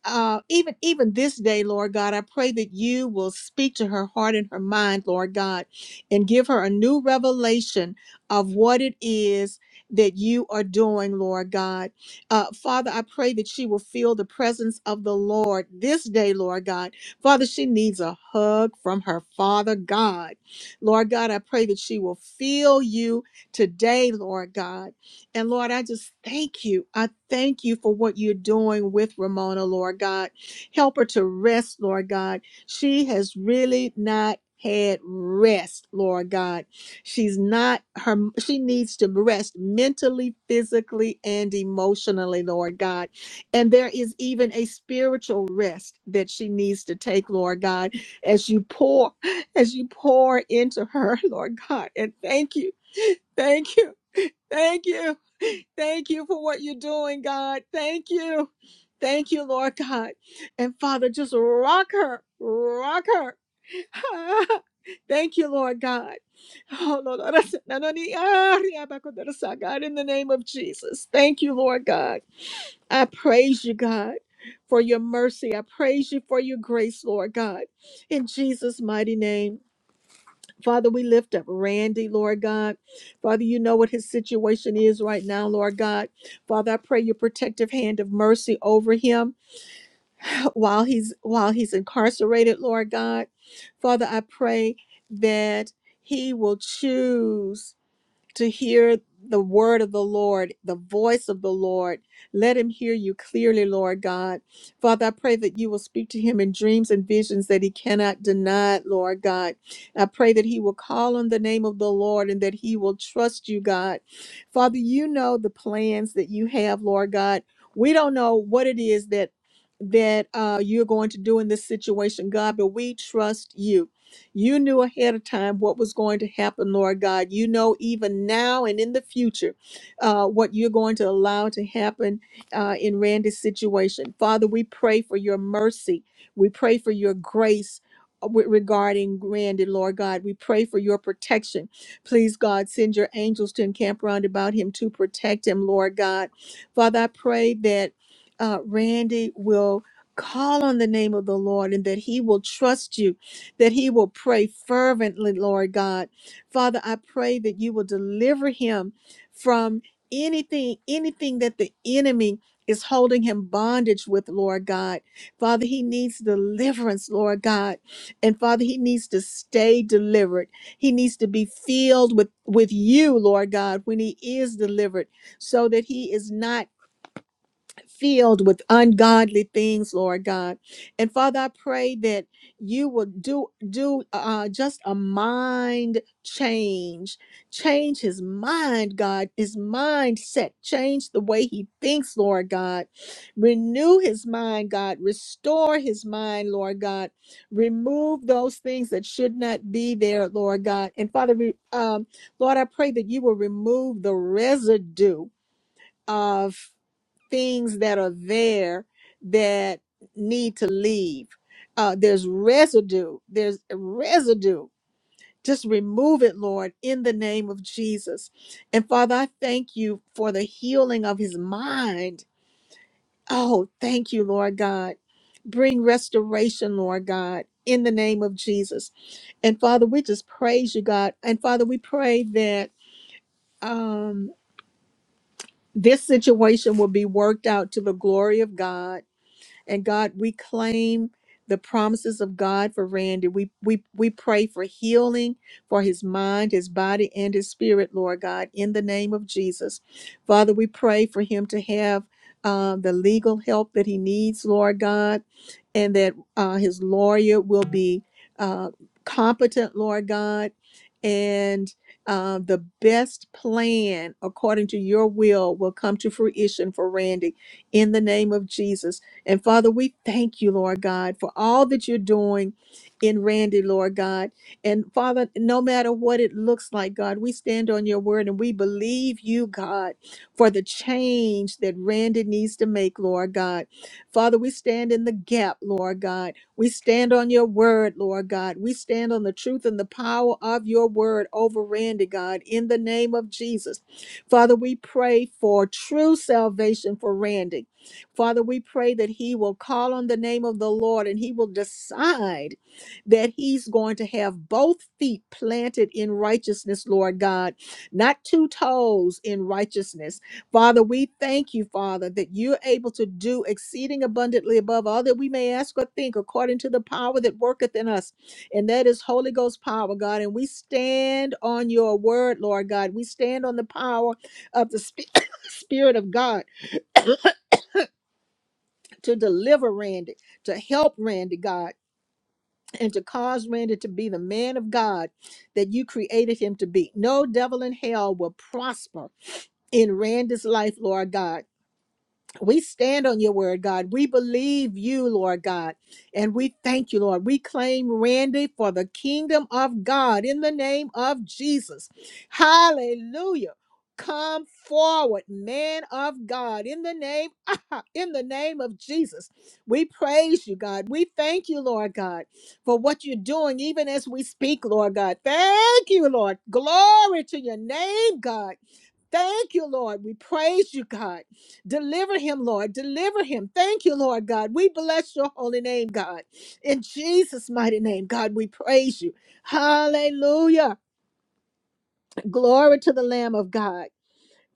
Speaker 1: uh, even even this day, Lord God. I pray that you will speak to her heart and her mind, Lord God, and give her a new revelation of what it is that you are doing, Lord God. Uh, Father, I pray that she will feel the presence of the Lord this day, Lord God. Father, she needs a hug from her Father God. Lord God, I pray that she will feel you today, Lord God. And Lord, I just thank you. I thank you for what you're doing with Ramona, Lord God. Help her to rest, Lord God. She has really not had rest, Lord God. She's not her she needs to rest mentally, physically, and emotionally, Lord God. And there is even a spiritual rest that she needs to take, Lord God, as you pour, as you pour into her, Lord God. And thank you Thank you. Thank you. Thank you for what you're doing, God. Thank you. Thank you, Lord God. And Father, just rock her. Rock her. Thank you, Lord God. Oh, Lord. God, in the name of Jesus. Thank you, Lord God. I praise you, God, for your mercy. I praise you for your grace, Lord God. In Jesus' mighty name. Father, we lift up Randy, Lord God. Father, you know what his situation is right now, Lord God. Father, I pray your protective hand of mercy over him while he's while he's incarcerated, Lord God. Father, I pray that he will choose to hear the word of the Lord, the voice of the Lord. Let him hear you clearly, Lord God. Father, I pray that you will speak to him in dreams and visions that he cannot deny, Lord God. I pray that he will call on the name of the Lord and that he will trust you, God. Father, you know the plans that you have, Lord God. We don't know what it is that that uh, you're going to do in this situation, God, but we trust you. You knew ahead of time what was going to happen, Lord God. You know even now and in the future uh, what you're going to allow to happen uh, in Randy's situation. Father, we pray for your mercy. We pray for your grace uh, with- regarding Randy, Lord God. We pray for your protection. Please, God, send your angels to encamp round about him to protect him, Lord God. Father, I pray that uh, Randy will call on the name of the Lord and that he will trust you that he will pray fervently, Lord God. Father, I pray that you will deliver him from anything, anything that the enemy is holding him bondage with, Lord God. Father, he needs deliverance, Lord God. And Father, he needs to stay delivered. He needs to be filled with, with you, Lord God, when he is delivered, so that he is not filled with ungodly things, Lord God. And Father, I pray that you will do do uh, just a mind change, change his mind, God, his mindset, change the way he thinks, Lord God. Renew his mind, God. Restore his mind, Lord God. Remove those things that should not be there, Lord God. And Father, we, um, Lord, I pray that you will remove the residue of things that are there that need to leave. Uh, there's residue. There's residue. Just remove it, Lord, in the name of Jesus. And Father, I thank you for the healing of his mind. Oh, thank you, Lord God. Bring restoration, Lord God, in the name of Jesus. And Father, we just praise you, God. And Father, we pray that um, this situation will be worked out to the glory of God And God, we claim the promises of God for Randy. We we we pray for healing for his mind, his body, and his spirit, Lord God, in the name of Jesus. Father, we pray for him to have uh, the legal help that he needs, Lord God, and that uh, his lawyer will be uh, competent, Lord God, and uh, the best plan according to your will will come to fruition for Randy in the name of Jesus. And Father, we thank you, Lord God, for all that you're doing in Randy, Lord God. And Father, no matter what it looks like, God, we stand on your word and we believe you, God, for the change that Randy needs to make, Lord God. Father, we stand in the gap, Lord God. We stand on your word, Lord God. We stand on the truth and the power of your word over Randy, God, in the name of Jesus. Father, we pray for true salvation for Randy. Father, we pray that he will call on the name of the Lord and he will decide that he's going to have both feet planted in righteousness, Lord God, not two toes in righteousness. Father, we thank you, Father, that you're able to do exceeding abundantly above all that we may ask or think according to the power that worketh in us. And that is Holy Ghost power, God. And we stand on your word, Lord God. We stand on the power of the Spi- Spirit of God to deliver Randy, to help Randy, God, and to cause Randy to be the man of God that you created him to be. No devil in hell will prosper in Randy's life, Lord God. We stand on your word, God. We believe you, Lord God. And we thank you, Lord. We claim Randy for the kingdom of God in the name of Jesus. Hallelujah. Come forward, man of God, in the name in the name of Jesus. We praise you, God. We thank you, Lord God, for what you're doing even as we speak, Lord God. Thank you, Lord. Glory to your name, God. Thank you, Lord. We praise you, God. Deliver him, Lord. Deliver him. Thank you, Lord God. We bless your holy name, God. In Jesus' mighty name, God, we praise you. Hallelujah. Glory to the Lamb of God.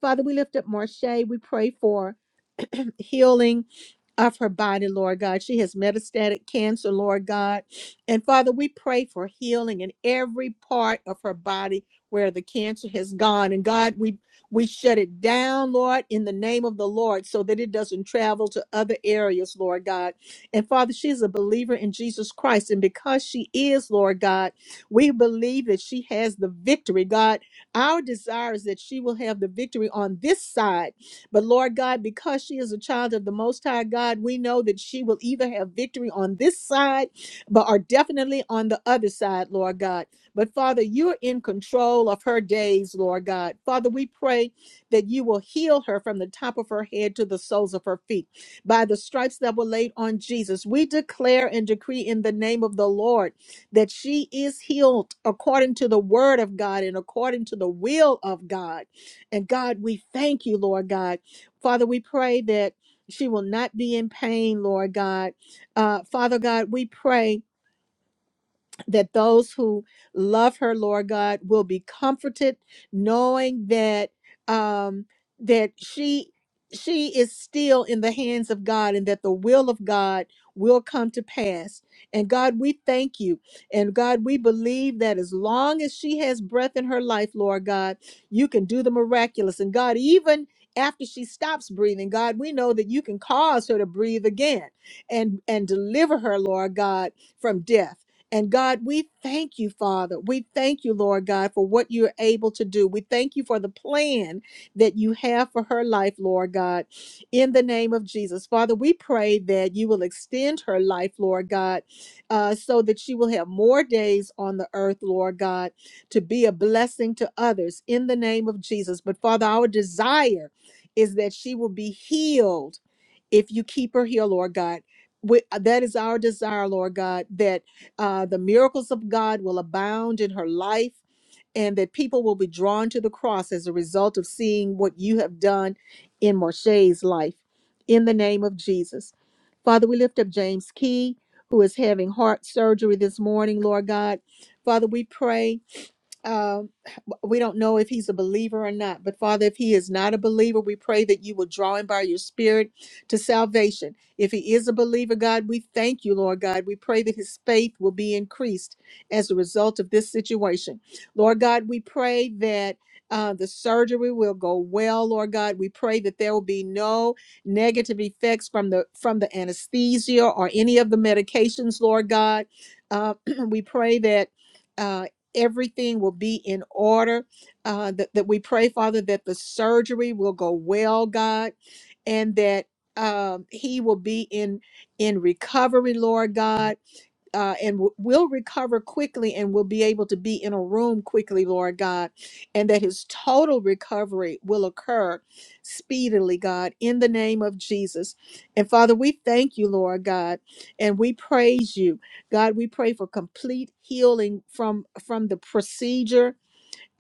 Speaker 1: Father, we lift up Marche. We pray for healing of her body, Lord God. She has metastatic cancer, Lord God. And Father, we pray for healing in every part of her body where the cancer has gone. And God, we we shut it down, Lord, in the name of the Lord, so that it doesn't travel to other areas, Lord God. And Father, she is a believer in Jesus Christ. And because she is, Lord God, we believe that she has the victory. God, our desire is that she will have the victory on this side but Lord God, because she is a child of the Most High God, we know that she will either have victory on this side, but are definitely on the other side, Lord God. But Father, you're in control of her days, Lord God. Father, we pray that you will heal her from the top of her head to the soles of her feet by the stripes that were laid on Jesus. We declare and decree in the name of the Lord that she is healed according to the word of God and according to the will of God. And God, we thank you, Lord God. Father, we pray that she will not be in pain, Lord God. Uh, Father God, we pray that those who love her, Lord God, will be comforted, knowing that um, that she she is still in the hands of God, and that the will of God will come to pass. And God, we thank you, and God, we believe that as long as she has breath in her life, Lord God, you can do the miraculous. And God, even after she stops breathing, God, we know that you can cause her to breathe again and and deliver her, Lord God, from death. And God, we thank you, Father. We thank you, Lord God, for what you're able to do. We thank you for the plan that you have for her life, Lord God, in the name of Jesus. Father, we pray that you will extend her life, Lord God, uh, so that she will have more days on the earth, Lord God, to be a blessing to others in the name of Jesus. But Father, our desire is that she will be healed if you keep her here, Lord God. We, that is our desire, Lord God, that uh, the miracles of God will abound in her life, and that people will be drawn to the cross as a result of seeing what you have done in Marche's life. In the name of Jesus. Father, we lift up James Key, who is having heart surgery this morning, Lord God. Father, we pray. Uh, we don't know if he's a believer or not, but Father, if he is not a believer, we pray that you will draw him by your spirit to salvation. If he is a believer, God, we thank you, Lord God. We pray that his faith will be increased as a result of this situation. Lord God, we pray that. Uh, the surgery will go well, Lord God. We pray that there will be no negative effects from the from the anesthesia or any of the medications, Lord God. Uh, we pray that Uh, everything will be in order. Uh, that, that we pray, Father, that the surgery will go well, God, and that um, he will be in in recovery, Lord God uh, and w- will recover quickly and will be able to be in a room quickly, Lord God, and that his total recovery will occur speedily, God, in the name of Jesus. And Father, we thank you, Lord God, and we praise you. God, we pray for complete healing from from the procedure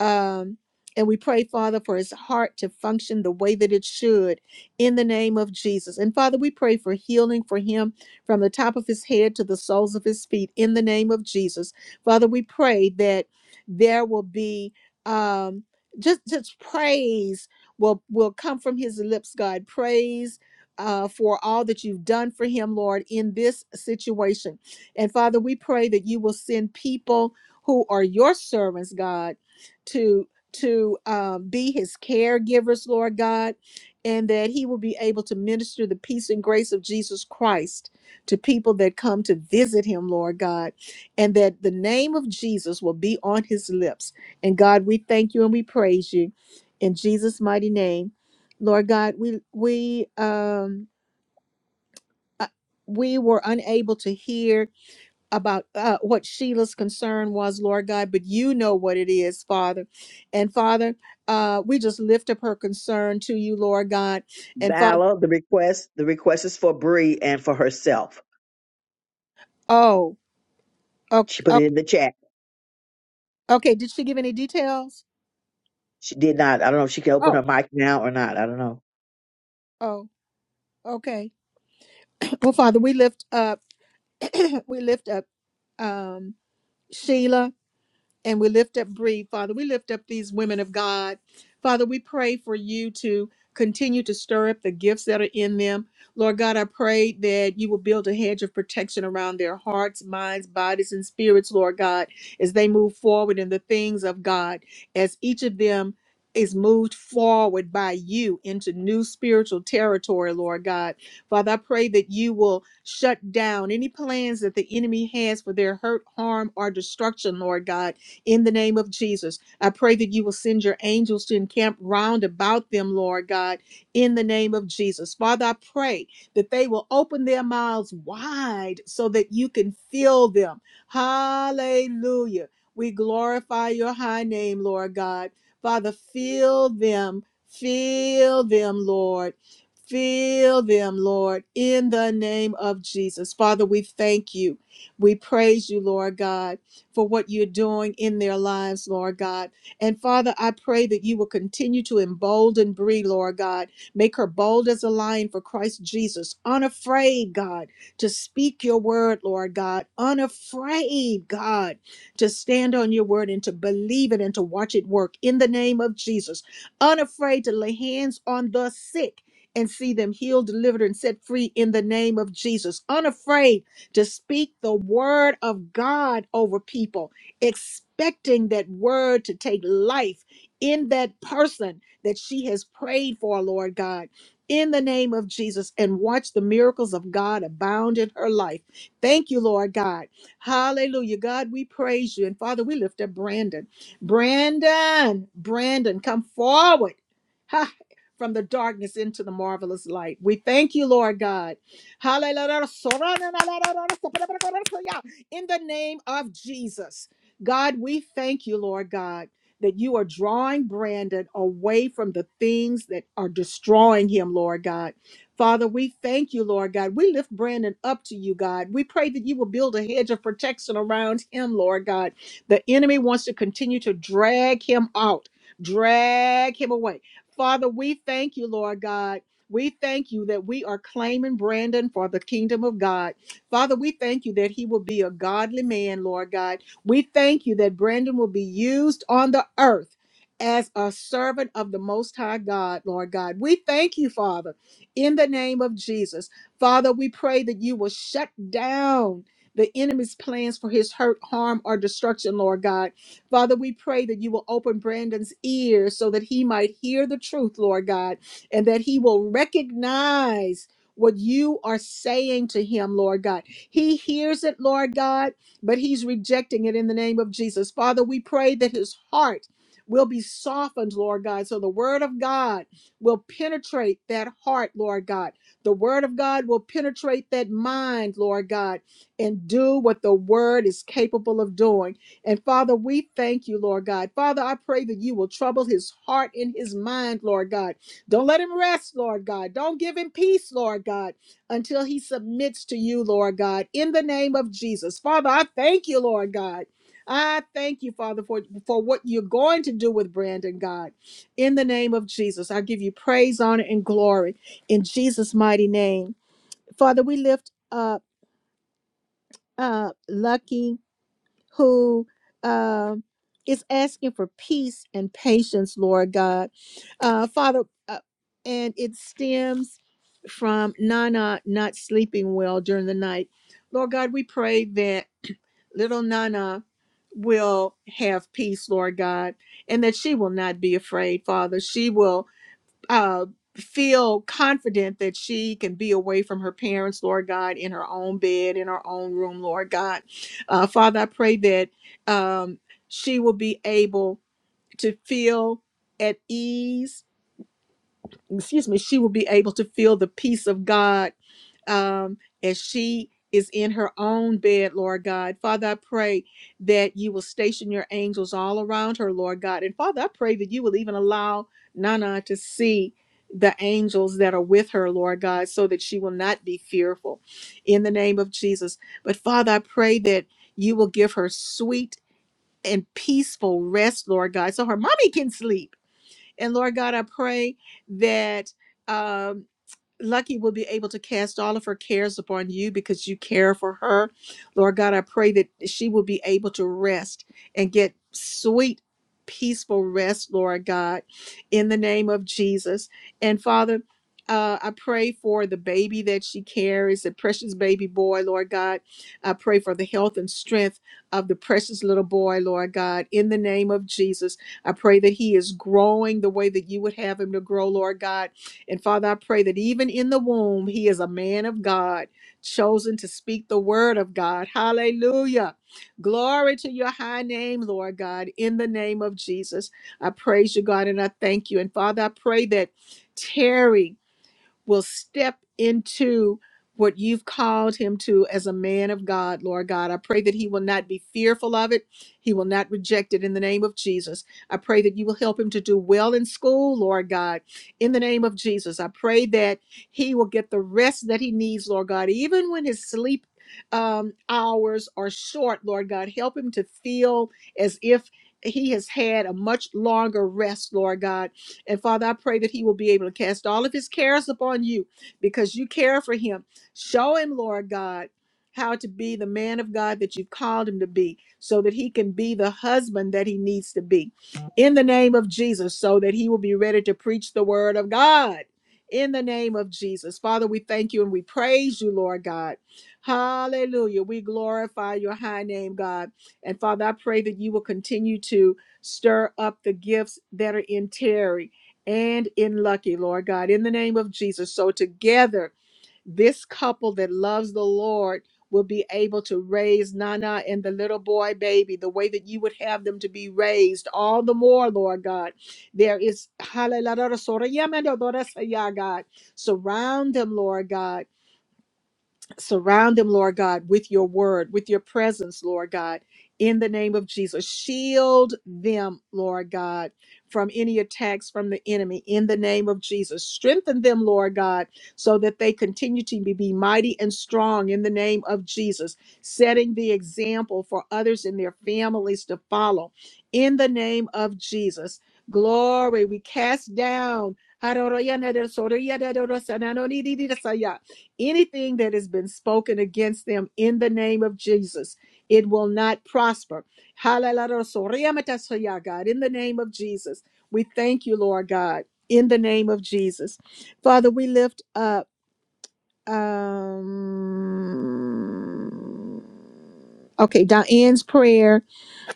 Speaker 1: um, and we pray, Father, for his heart to function the way that it should in the name of Jesus. And Father, we pray for healing for him from the top of his head to the soles of his feet in the name of Jesus. Father, we pray that there will be um, just, just praise will, will come from his lips, God. Praise. Uh, for all that you've done for him, Lord, in this situation. And Father, we pray that you will send people who are your servants, God to to um, be his caregivers, Lord God, and that he will be able to minister the peace and grace of Jesus Christ to people that come to visit him, Lord God, and that the name of Jesus will be on his lips. And God, we thank you and we praise you in Jesus' mighty name, Lord God. We we um uh, we were unable to hear about uh, what Sheila's concern was, Lord God, but you know what it is, Father. And Father, uh, we just lift up her concern to you, Lord God. And Father,
Speaker 2: Vala. the request, the request is for Bree and for herself.
Speaker 1: oh, oh,
Speaker 2: She put
Speaker 1: oh
Speaker 2: it in the chat.
Speaker 1: okay. Did she give any details?
Speaker 2: She did not. I don't know if she can open
Speaker 1: Oh,
Speaker 2: her mic now or not. I don't know.
Speaker 1: oh, okay. Well, Father, we lift up, we lift up um, Sheila and we lift up Bree. Father, we lift up these women of God. Father, we pray for you to continue to stir up the gifts that are in them. Lord God, I pray that you will build a hedge of protection around their hearts, minds, bodies, and spirits, Lord God, as they move forward in the things of God, as each of them is moved forward by you into new spiritual territory, Lord God. Father, I pray that you will shut down any plans that the enemy has for their hurt, harm, or destruction, Lord God in the name of Jesus. I pray that you will send your angels to encamp round about them, Lord God, in the name of Jesus. Father, I pray that they will open their mouths wide so that you can fill them. Hallelujah. We glorify your high name, Lord God. Father, fill them, fill them, Lord. Fill them, Lord, in the name of Jesus. Father, we thank you. We praise you, Lord God for what you're doing in their lives, Lord God. And Father, I pray that you will continue to embolden Bree, Lord God. Make her bold as a lion for Christ Jesus, unafraid, God, to speak your word, Lord God, unafraid, God, to stand on your word and to believe it and to watch it work in the name of Jesus, unafraid to lay hands on the sick and see them healed, delivered, and set free in the name of Jesus. Unafraid to speak the word of God over people, expecting that word to take life in that person that she has prayed for, Lord God. In the name of Jesus, and watch the miracles of God abound in her life. Thank you, Lord God. Hallelujah. God, we praise you. And Father, we lift up Brandon. Brandon, Brandon, come forward. Ha! From the darkness into the marvelous light. We thank you, Lord God. Hallelujah. In the name of Jesus, God, we thank you, Lord God, that you are drawing Brandon away from the things that are destroying him, Lord God. Father, we thank you, Lord God. We lift Brandon up to you, God. We pray that you will build a hedge of protection around him, Lord God. The enemy wants to continue to drag him out, drag him away. Father, we thank you, Lord God. We thank you that we are claiming Brandon for the kingdom of God. Father, we thank you that he will be a godly man, Lord God. We thank you that Brandon will be used on the earth as a servant of the Most High God, Lord God. We thank you, Father, in the name of Jesus. Father, we pray that you will shut down. The enemy's plans for his hurt, harm, or destruction, Lord God. Father, we pray that you will open Brandon's ears so that he might hear the truth, Lord God and that he will recognize what you are saying to him, Lord God. He hears it, Lord God, but he's rejecting it in the name of Jesus. Father, we pray that his heart will be softened, Lord God, so the word of God will penetrate that heart, Lord God. The word of God will penetrate that mind, Lord God, and do what the word is capable of doing. And Father, we thank you, Lord God. Father, I pray that you will trouble his heart and his mind, Lord God don't let him rest, Lord God. Don't give him peace, Lord God, until he submits to you, Lord God, in the name of Jesus. Father, I thank you, Lord God. I thank you, Father, for, for what you're going to do with Brandon, God. In the name of Jesus, I give you praise, honor, and glory in Jesus' mighty name. Father, we lift up uh, Lucky who um, is asking for peace and patience, Lord God. Uh, Father, uh, and it stems from Nana not sleeping well during the night. Lord God, we pray that little Nana will have peace, Lord God, and that she will not be afraid, Father. She will uh, feel confident that she can be away from her parents, Lord God, in her own bed, in her own room, Lord God. Uh, Father, I pray that um, she will be able to feel at ease. Excuse me, she will be able to feel the peace of God um, as she is in her own bed, Lord God. Father, I pray that you will station your angels all around her, Lord God. And Father, I pray that you will even allow Nana to see the angels that are with her, Lord God, so that she will not be fearful in the name of Jesus. But Father, I pray that you will give her sweet and peaceful rest, Lord God, so her mommy can sleep. And Lord God, I pray that. um, Lucky will be able to cast all of her cares upon you because you care for her. Lord God, I pray that she will be able to rest and get sweet, peaceful rest, Lord God, in the name of Jesus. And Father, uh, I pray for the baby that she carries, the precious baby boy, Lord God. I pray for the health and strength of the precious little boy, Lord God, in the name of Jesus. I pray that he is growing the way that you would have him to grow, Lord God and Father, I pray that even in the womb, he is a man of God, chosen to speak the word of God. Hallelujah. Glory to your high name, Lord God, in the name of Jesus. I praise you, God, and I thank you. And Father, I pray that Terry will step into what you've called him to as a man of God, Lord God. I pray that he will not be fearful of it. He will not reject it in the name of Jesus. I pray that you will help him to do well in school, Lord God, in the name of Jesus. I pray that he will get the rest that he needs, Lord God, even when his sleep um, hours are short, Lord God. Help him to feel as if he has had a much longer rest, Lord God and Father, I pray that he will be able to cast all of his cares upon you because you care for him. Show him, Lord God, how to be the man of God that you've called him to be so that he can be the husband that he needs to be in the name of Jesus so that he will be ready to preach the word of God. In the name of Jesus. Father, we thank you and we praise you, Lord God. Hallelujah. We glorify your high name, God. And Father, I pray that you will continue to stir up the gifts that are in Terry and in Lucky, Lord God, in the name of Jesus. So together, this couple that loves the Lord will be able to raise Nana and the little boy baby the way that you would have them to be raised, all the more, Lord God. There is, hallelujah, God, surround them, Lord God Surround them, Lord God, with your word, with your presence, Lord God, in the name of Jesus. Shield them, Lord God, from any attacks from the enemy in the name of Jesus. Strengthen them, Lord God, so that they continue to be be mighty and strong in the name of Jesus, setting the example for others and their families to follow in the name of Jesus. Glory, we cast down anything that has been spoken against them in the name of Jesus, it will not prosper. Hallelujah, God, in the name of Jesus. We thank you, Lord God, in the name of Jesus. Father, we lift up um okay, Diane's prayer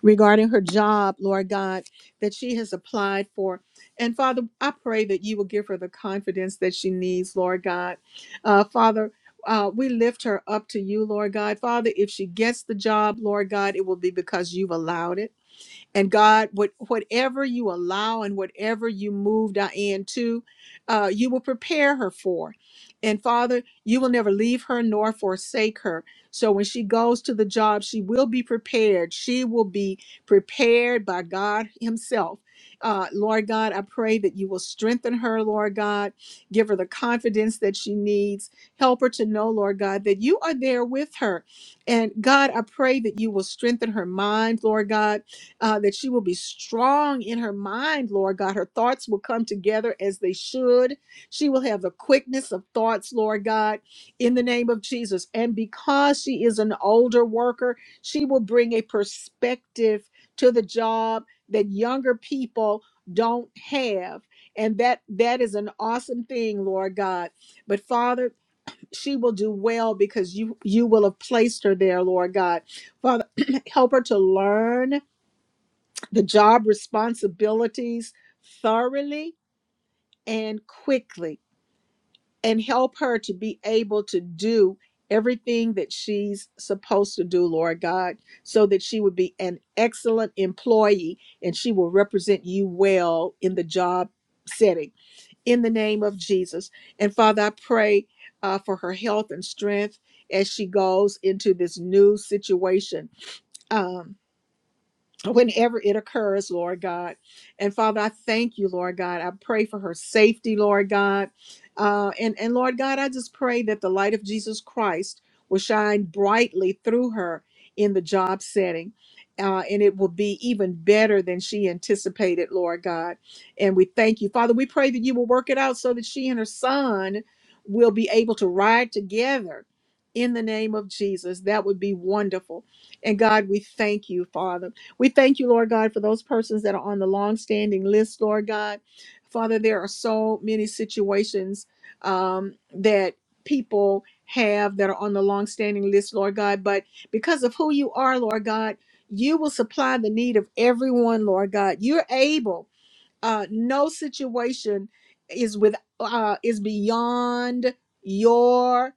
Speaker 1: regarding her job, Lord God, that she has applied for. And Father, I pray that you will give her the confidence that she needs, Lord God. Uh, Father, uh, we lift her up to you, Lord God. Father, if she gets the job, Lord God, it will be because you've allowed it and God, what whatever you allow and whatever you move Diane to, uh, you will prepare her for. And Father, you will never leave her nor forsake her. So when she goes to the job, she will be prepared. She will be prepared by God Himself. Uh, Lord God, I pray that you will strengthen her, Lord God. Give her the confidence that she needs. Help her to know, Lord God, that you are there with her. And God, I pray that you will strengthen her mind, Lord God uh, that she will be strong in her mind, Lord God. Her thoughts will come together as they should. She will have the quickness of thoughts, Lord God, in the name of Jesus. And because she is an older worker, she will bring a perspective to the job that younger people don't have. And that that is an awesome thing, Lord God. But Father, she will do well because you you will have placed her there, Lord God. Father, help her to learn the job responsibilities thoroughly and quickly and help her to be able to do everything that she's supposed to do, Lord God, so that she would be an excellent employee and she will represent you well in the job setting in the name of Jesus. And Father, I pray uh, for her health and strength as she goes into this new situation. Um, whenever it occurs, Lord God. And Father, I thank you, Lord God. I pray for her safety, Lord God. Uh, and, and Lord God, I just pray that the light of Jesus Christ will shine brightly through her in the job setting. Uh, and it will be even better than she anticipated, Lord God. And we thank you. Father, we pray that you will work it out so that she and her son will be able to ride together in the name of Jesus. That would be wonderful. And God, we thank you, Father. We thank you, Lord God, for those persons that are on the long-standing list, Lord God. Father, there are so many situations um, that people have that are on the long-standing list, Lord God. But because of who you are, Lord God, you will supply the need of everyone, Lord God. You're able. Uh, no situation is with uh, is beyond your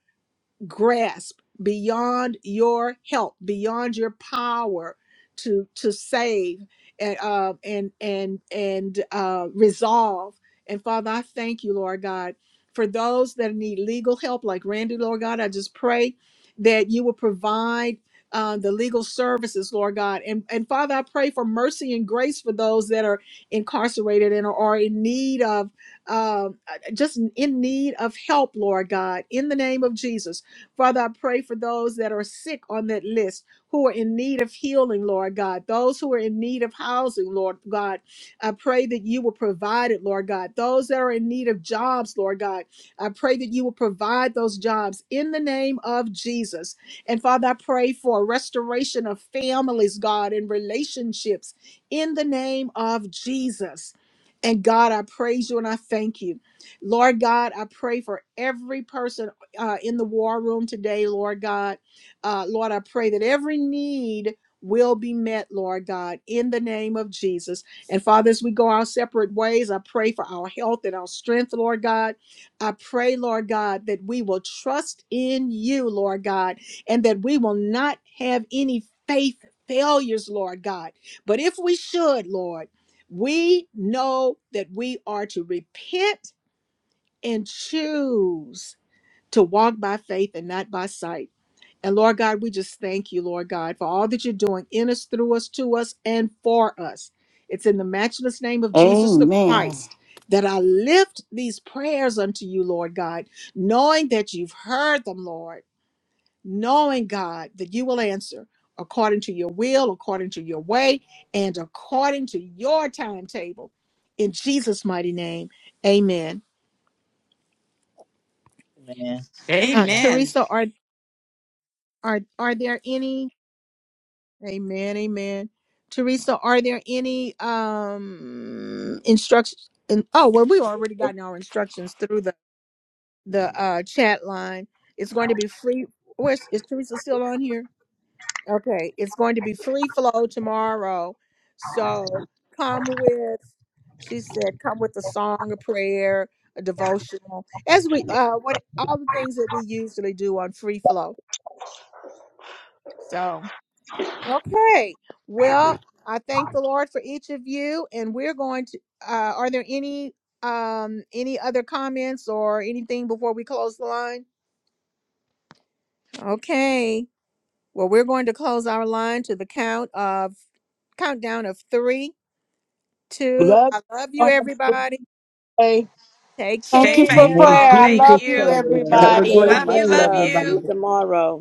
Speaker 1: grasp beyond your help beyond your power to to save and uh, and and and uh, resolve and father i thank you lord god for those that need legal help like randy lord god i just pray that you will provide uh, the legal services lord god and and father i pray for mercy and grace for those that are incarcerated and are in need of um, uh, just in need of help lord god in the name of jesus Father, I pray for those that are sick on that list who are in need of healing, Lord God. Those who are in need of housing, Lord God. I pray that you will provide it, Lord God. Those that are in need of jobs, Lord God. I pray that you will provide those jobs in the name of Jesus. And Father, I pray for a restoration of families, God, and relationships in the name of Jesus. And God, I praise you and I thank you. Lord God, I pray for every person uh, in the war room today, Lord God. Uh, Lord, I pray that every need will be met, Lord God, in the name of Jesus. And Father, as we go our separate ways, I pray for our health and our strength, Lord God. I pray, Lord God, that we will trust in you, Lord God, and that we will not have any faith failures, Lord God. But if we should, Lord, we know that we are to repent and choose to walk by faith and not by sight. And Lord God, we just thank you, Lord God, for all that you're doing in us, through us, to us, and for us. It's in the matchless name of Jesus the
Speaker 15: amen
Speaker 1: Christ that I lift these prayers unto you, Lord God, knowing that you've heard them, Lord, knowing, God, that you will answer according to your will, according to your way, and according to your timetable. In Jesus' mighty name, amen.
Speaker 2: Man,
Speaker 1: Uh,
Speaker 2: Yeah.
Speaker 10: Amen.
Speaker 1: Teresa, are, are, are there any? Amen. Amen. Teresa, are there any um instructions? In, oh, well, we've already gotten our instructions through the the uh, chat line. It's going to be free. Where's is Teresa still on here? Okay, it's going to be free flow tomorrow. So come with. She said, come with a song, a prayer, a devotional, as we uh, what all the things that we usually do on free flow. So. Okay. Well, I thank the Lord for each of you, and we're going to. Uh, are there any um any other comments or anything before we close the line? Okay. Well, we're going to close our line to the count of countdown of three, two.
Speaker 3: Love
Speaker 1: I love
Speaker 3: you.
Speaker 1: you,
Speaker 3: Have a good
Speaker 1: everybody.
Speaker 3: day.
Speaker 1: Take
Speaker 15: thank
Speaker 10: Stay
Speaker 15: you
Speaker 8: The
Speaker 15: for
Speaker 1: care.
Speaker 8: Lord
Speaker 10: faithful.
Speaker 15: prayer i love
Speaker 10: Thank
Speaker 8: Jesus
Speaker 15: you
Speaker 10: you.
Speaker 8: Christ. Have
Speaker 9: Take
Speaker 1: Bye.
Speaker 8: a
Speaker 15: everybody
Speaker 9: care.
Speaker 8: great
Speaker 10: Love you.
Speaker 9: Much
Speaker 8: day,
Speaker 10: Love
Speaker 9: love. See you
Speaker 8: everybody.
Speaker 10: you.
Speaker 9: tomorrow.